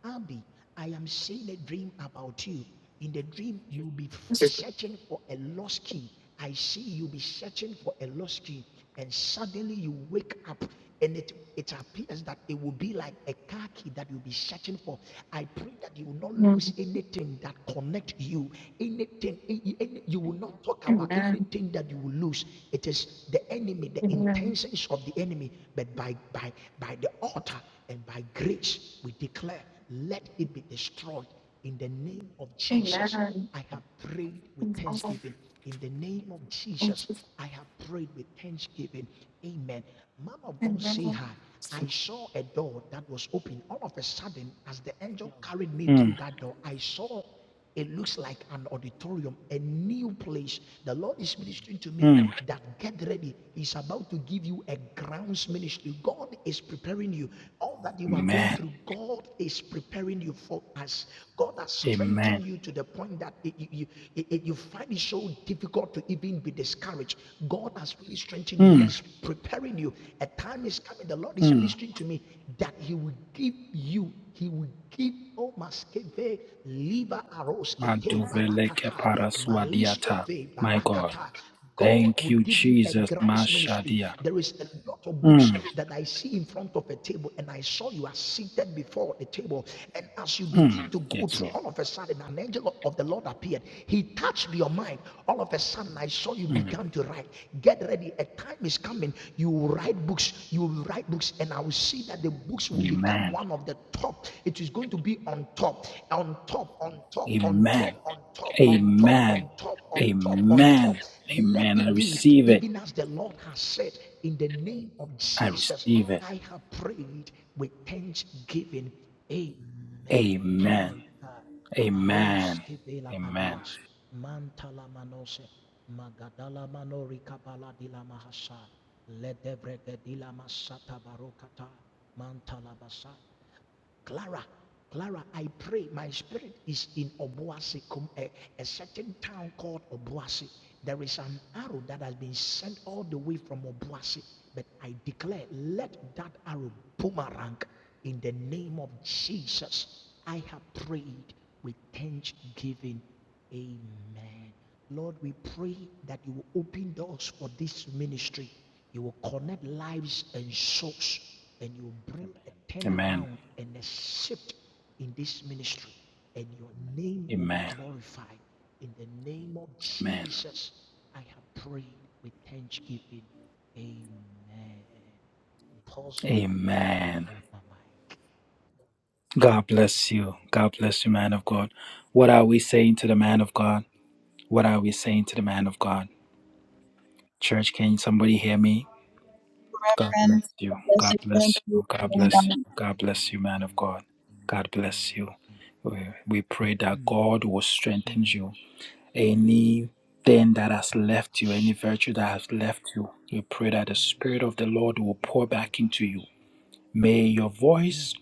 Abby, I am seeing a dream about you. In the dream, you'll be searching for a lost key. I see you'll be searching for a lost key, and suddenly you wake up and it, it appears that it will be like a car key that you'll be searching for. I pray that you will not lose anything anything that connect you anything any- you will not talk about
Amen.
anything that you will lose it is the enemy the
Amen.
intentions of the enemy but by by by the altar and by grace we declare let it be destroyed in the name of jesus
Amen.
i have prayed with thanksgiving in the name of jesus
Amen.
i have prayed with thanksgiving amen man of god say
Amen.
hi I saw a door that was open. All of a sudden, as the angel carried me through
mm,
that door, I saw it looks like an auditorium, a new place. The Lord is ministering to me
mm.
that get ready. He's about to give you a grounds ministry. God is preparing you. All that you are going
Amen.
through, God is preparing you for us. God has
Amen.
strengthened you to the point that it- you, you, it- you you find it so difficult to even be discouraged, God has really strengthened you. He
Mm,
is preparing you. A time is coming. The Lord is
mm.
ministering to me that He will give you. He will give. Oh, maskeve liba aroskete
Maduvele
barakata
kepara suadiata.
maliskove
My God.
barakata. God
Thank
will
you,
give you a
Jesus.
grounds ministry.
Mashadia.
There is a lot of books
Mm,
that I see in front of a table, and I saw you are seated before the table. And as you begin
mm.
to go
Yes,
through,
Lord.
all of a sudden, an angel of the Lord appeared. He touched your mind. All of a sudden, I saw you
Mm.
began to write. Get ready. A time is coming. You will write books. You will write books, and I will see that the books will become
Amen.
one of the top. It is going to be on top, on top, on top, on
Amen.
top, on top, on top,
Amen.
on top, on top, on
Amen.
top. Let
Amen. I
it be,
receive it.
even as the Lord has said, in the name of
I
Jesus.
receive it.
I have prayed with thanksgiving. Amen.
Amen.
My God. Baros
Amen.
kivela
Amen.
adias. Mantala manose. Magadala manori kabala dila mahasa. Ledebrege dila masata barokata. Mantala basa. Clara, Clara, I pray my spirit is in Obuasi, com- a, a certain town called Obuasi. There is an arrow that has been sent all the way from Obuasi, but I declare, let that arrow boomerang in the name of Jesus. I have prayed with thanksgiving. Amen. Lord, we pray that you will open doors for this ministry. You will connect lives and souls, and you will bring a
Amen.
turnaround and a shift in this ministry, and your name will be
Amen.
glorified. In the name of
Amen.
Jesus, I have prayed with thanksgiving. Amen. Apostle, I
Amen.
yield my mic.
God bless you. God bless you, man of God. What are we saying to the man of God? What are we saying to the man of God? Church, can somebody hear me? God
Reverend,
bless you.
God bless
God
you. Thank
bless you. God
Amen.
bless
you.
you. God
Amen.
bless you, man
Amen.
of God. God bless
Amen.
you.
Amen.
We, we pray that
Amen.
God will strengthen you.
Mm, mm,
Anything that has left you, any virtue
mm.
that has left you, we pray that the Spirit of the Lord will pour back into you. May your
Mm,
voice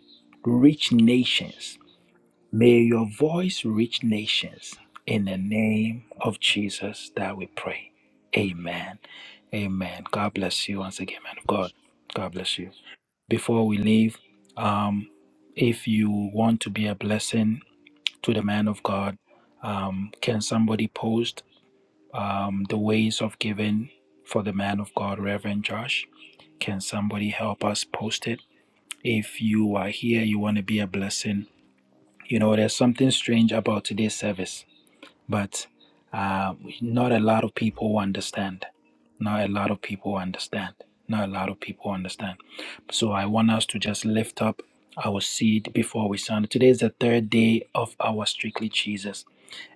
reach
Jesus.
nations May your voice reach nations in the name of Jesus that we pray. Amen. Amen. God bless you once again, man of God. God bless you. Before we leave, um, if you want to be a blessing to the man of God, um, can somebody post um, the ways of giving for the man of God, Reverend Josh? Can somebody help us post it? If you are here, you want to be a blessing you know, there's something strange about today's service, but uh, not a lot of people understand. Not a lot of people understand. Not a lot of people understand. So I want us to just lift up our seed before we sound. Today is the third day of our Strictly Jesus,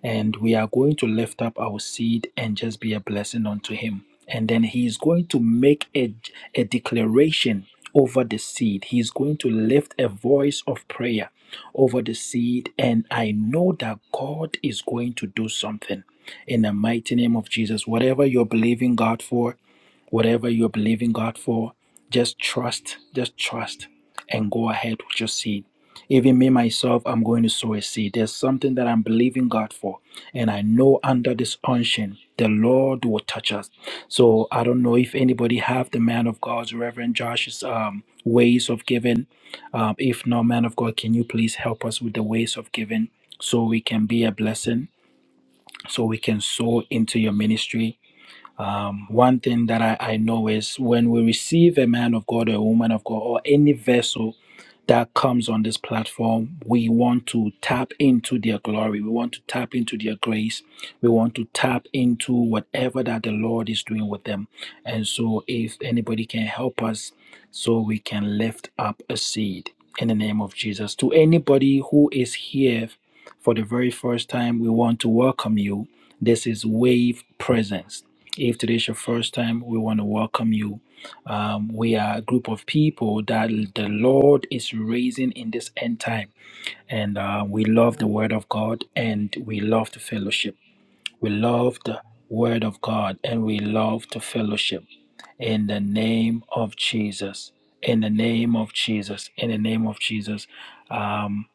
and we are going to lift up our seed and just be a blessing unto Him. And then He is going to make a, a declaration over the seed. He is going to lift a voice of prayer over the seed. And I know that God is going to do something in the mighty name of Jesus. Whatever you're believing God for, Whatever you're believing God for, just trust, just trust and go ahead with your seed. Even me myself, I'm going to sow a seed. There's something that I'm believing God for. And I know under this unction, the Lord will touch us. So I don't know if anybody have the man of God's Reverend Josh's um, ways of giving. Um, if not, man of God, can you please help us with the ways of giving so we can be a blessing, so we can sow into your ministry? Um, one thing that I, I know is when we receive a man of God, a woman of God, or any vessel that comes on this platform, we want to tap into their glory. We want to tap into their grace. We want to tap into whatever that the Lord is doing with them. And so, if anybody can help us, so we can lift up a seed in the name of Jesus. To anybody who is here for the very first time, we want to welcome you. This is Wave Presence. If today is your first time, we want to welcome you. Um, we are a group of people that the Lord is raising in this end time, and uh, we love the Word of God and we love the fellowship. We love the Word of God and we love to fellowship. In the name of Jesus. In the name of Jesus. In the name of Jesus. Um,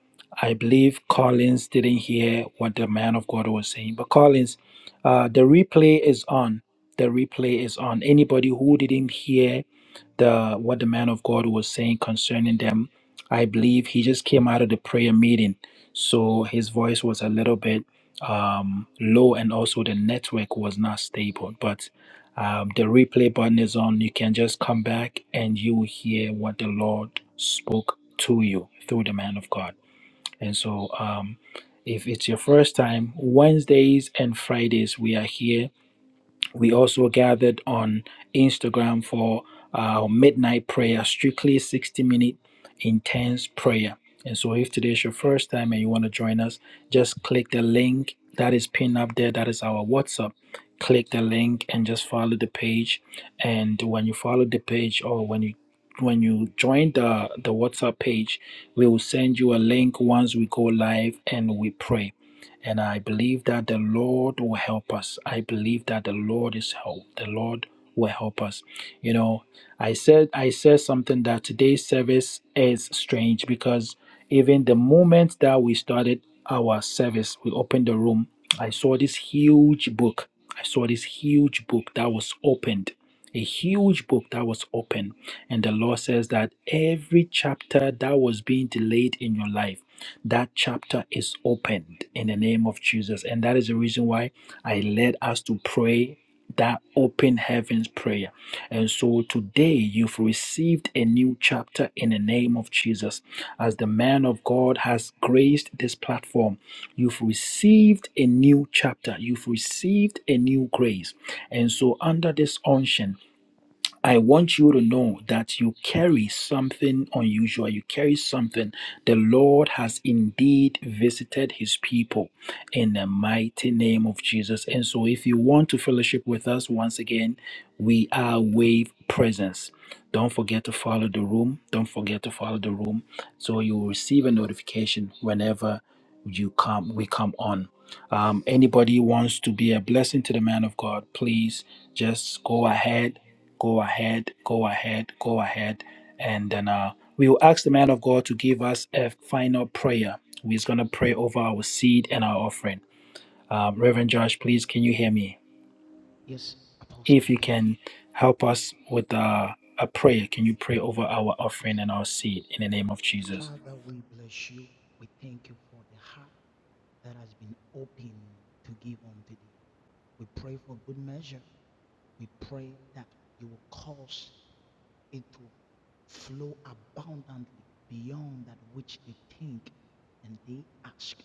I believe Collins didn't hear what the man of God was saying, but Collins, uh, the replay is on. The replay is on. Anybody who didn't hear the what the man of God was saying concerning them, I believe he just came out of the prayer meeting, so his voice was a little bit um, low and also the network was not stable. But um, the replay button is on. You can just come back and you will hear what the Lord spoke to you through the man of God. And so, um, if it's your first time, Wednesdays and Fridays we are here we also gathered on Instagram for our midnight prayer, strictly 60 minute intense prayer. And so, if today is your first time and you want to join us, just click the link that is pinned up there. That is our WhatsApp. Click the link and just follow the page. And when you follow the page, or when you when you join the the WhatsApp page, we will send you a link once we go live and we pray. And I believe that the Lord will help us. I believe that the Lord is help. The Lord will help us. You know, I said I said something that today's service is strange because even the moment that we started our service, we opened the room. I saw this huge book. I saw this huge book that was opened a huge book that was open. And the Lord says that every chapter that was being delayed in your life, that chapter is opened in the name of Jesus. And that is the reason why I led us to pray that open heavens prayer. And so today you've received a new chapter in the name of Jesus. As the man of God has graced this platform, you've received a new chapter. You've received a new grace. And so under this unction, I want you to know that you carry something unusual. You carry something. The Lord has indeed visited his people in the mighty name of Jesus. And so, if you want to fellowship with us once again, we are Wave Presence. Don't forget to follow the room. Don't forget to follow the room so you will receive a notification whenever you come we come on um, anybody wants to be a blessing to the man of god please just go ahead Go ahead, go ahead, go ahead. And then uh, we will ask the man of God to give us a final prayer. We're going to pray over our seed and our offering. Um, Reverend Josh, please, can you hear me?
Yes, Apostle
If you
Hill.
can help us with uh, a prayer, can you pray over our offering
Okay.
and our seed in the name of Jesus?
Father, we bless you. We thank you for the heart that has been open to give unto thee. We pray for good measure. We pray that you will cause it to flow abundantly beyond that which they think and they ask.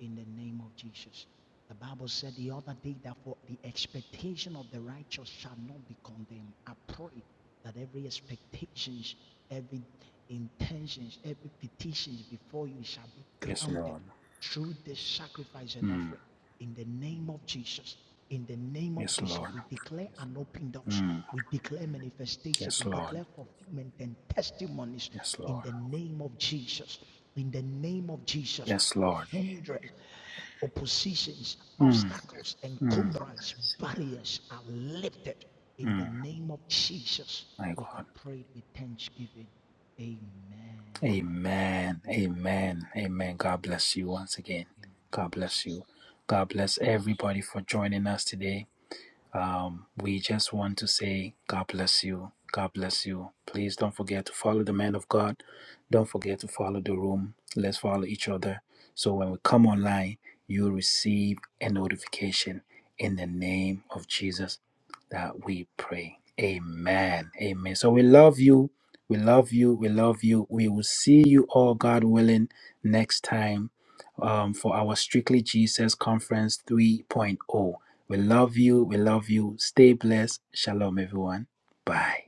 in the name of Jesus. The Bible said the other day that for the expectation of the righteous shall not be condemned. I pray that every expectations, every intentions, every petitions before you shall be
Yes,
granted
Lord.
through this sacrifice and
Mm.
offering. In the name of Jesus, in the name of
Yes,
Jesus,
Lord.
we declare Yes, an Lord. open doors.
Mm.
We declare manifestation.
Yes,
We
Lord.
declare fulfillment and testimonies
Yes,
in
Lord.
the name of Jesus. In the name of Jesus
Yes, Lord.
hindrance, oppositions,
Mm.
obstacles,
Mm.
encumbrance, barriers are lifted. In the
Mm.
name of Jesus,
My
we
God.
have prayed with thanksgiving. Amen.
Amen. Amen. Amen. God bless you once again. God bless you. God bless everybody for joining us today. Um, we just want to say, God bless you. God bless you. Please don't forget to follow the man of God. Don't forget to follow the room. Let's follow each other. So when we come online, you receive a notification in the name of Jesus that we pray. Amen. Amen. So we love you. We love you. We love you. We will see you all, God willing, next time um, for our Strictly Jesus Conference 3.0. We love you. We love you. Stay blessed. Shalom, everyone. Bye.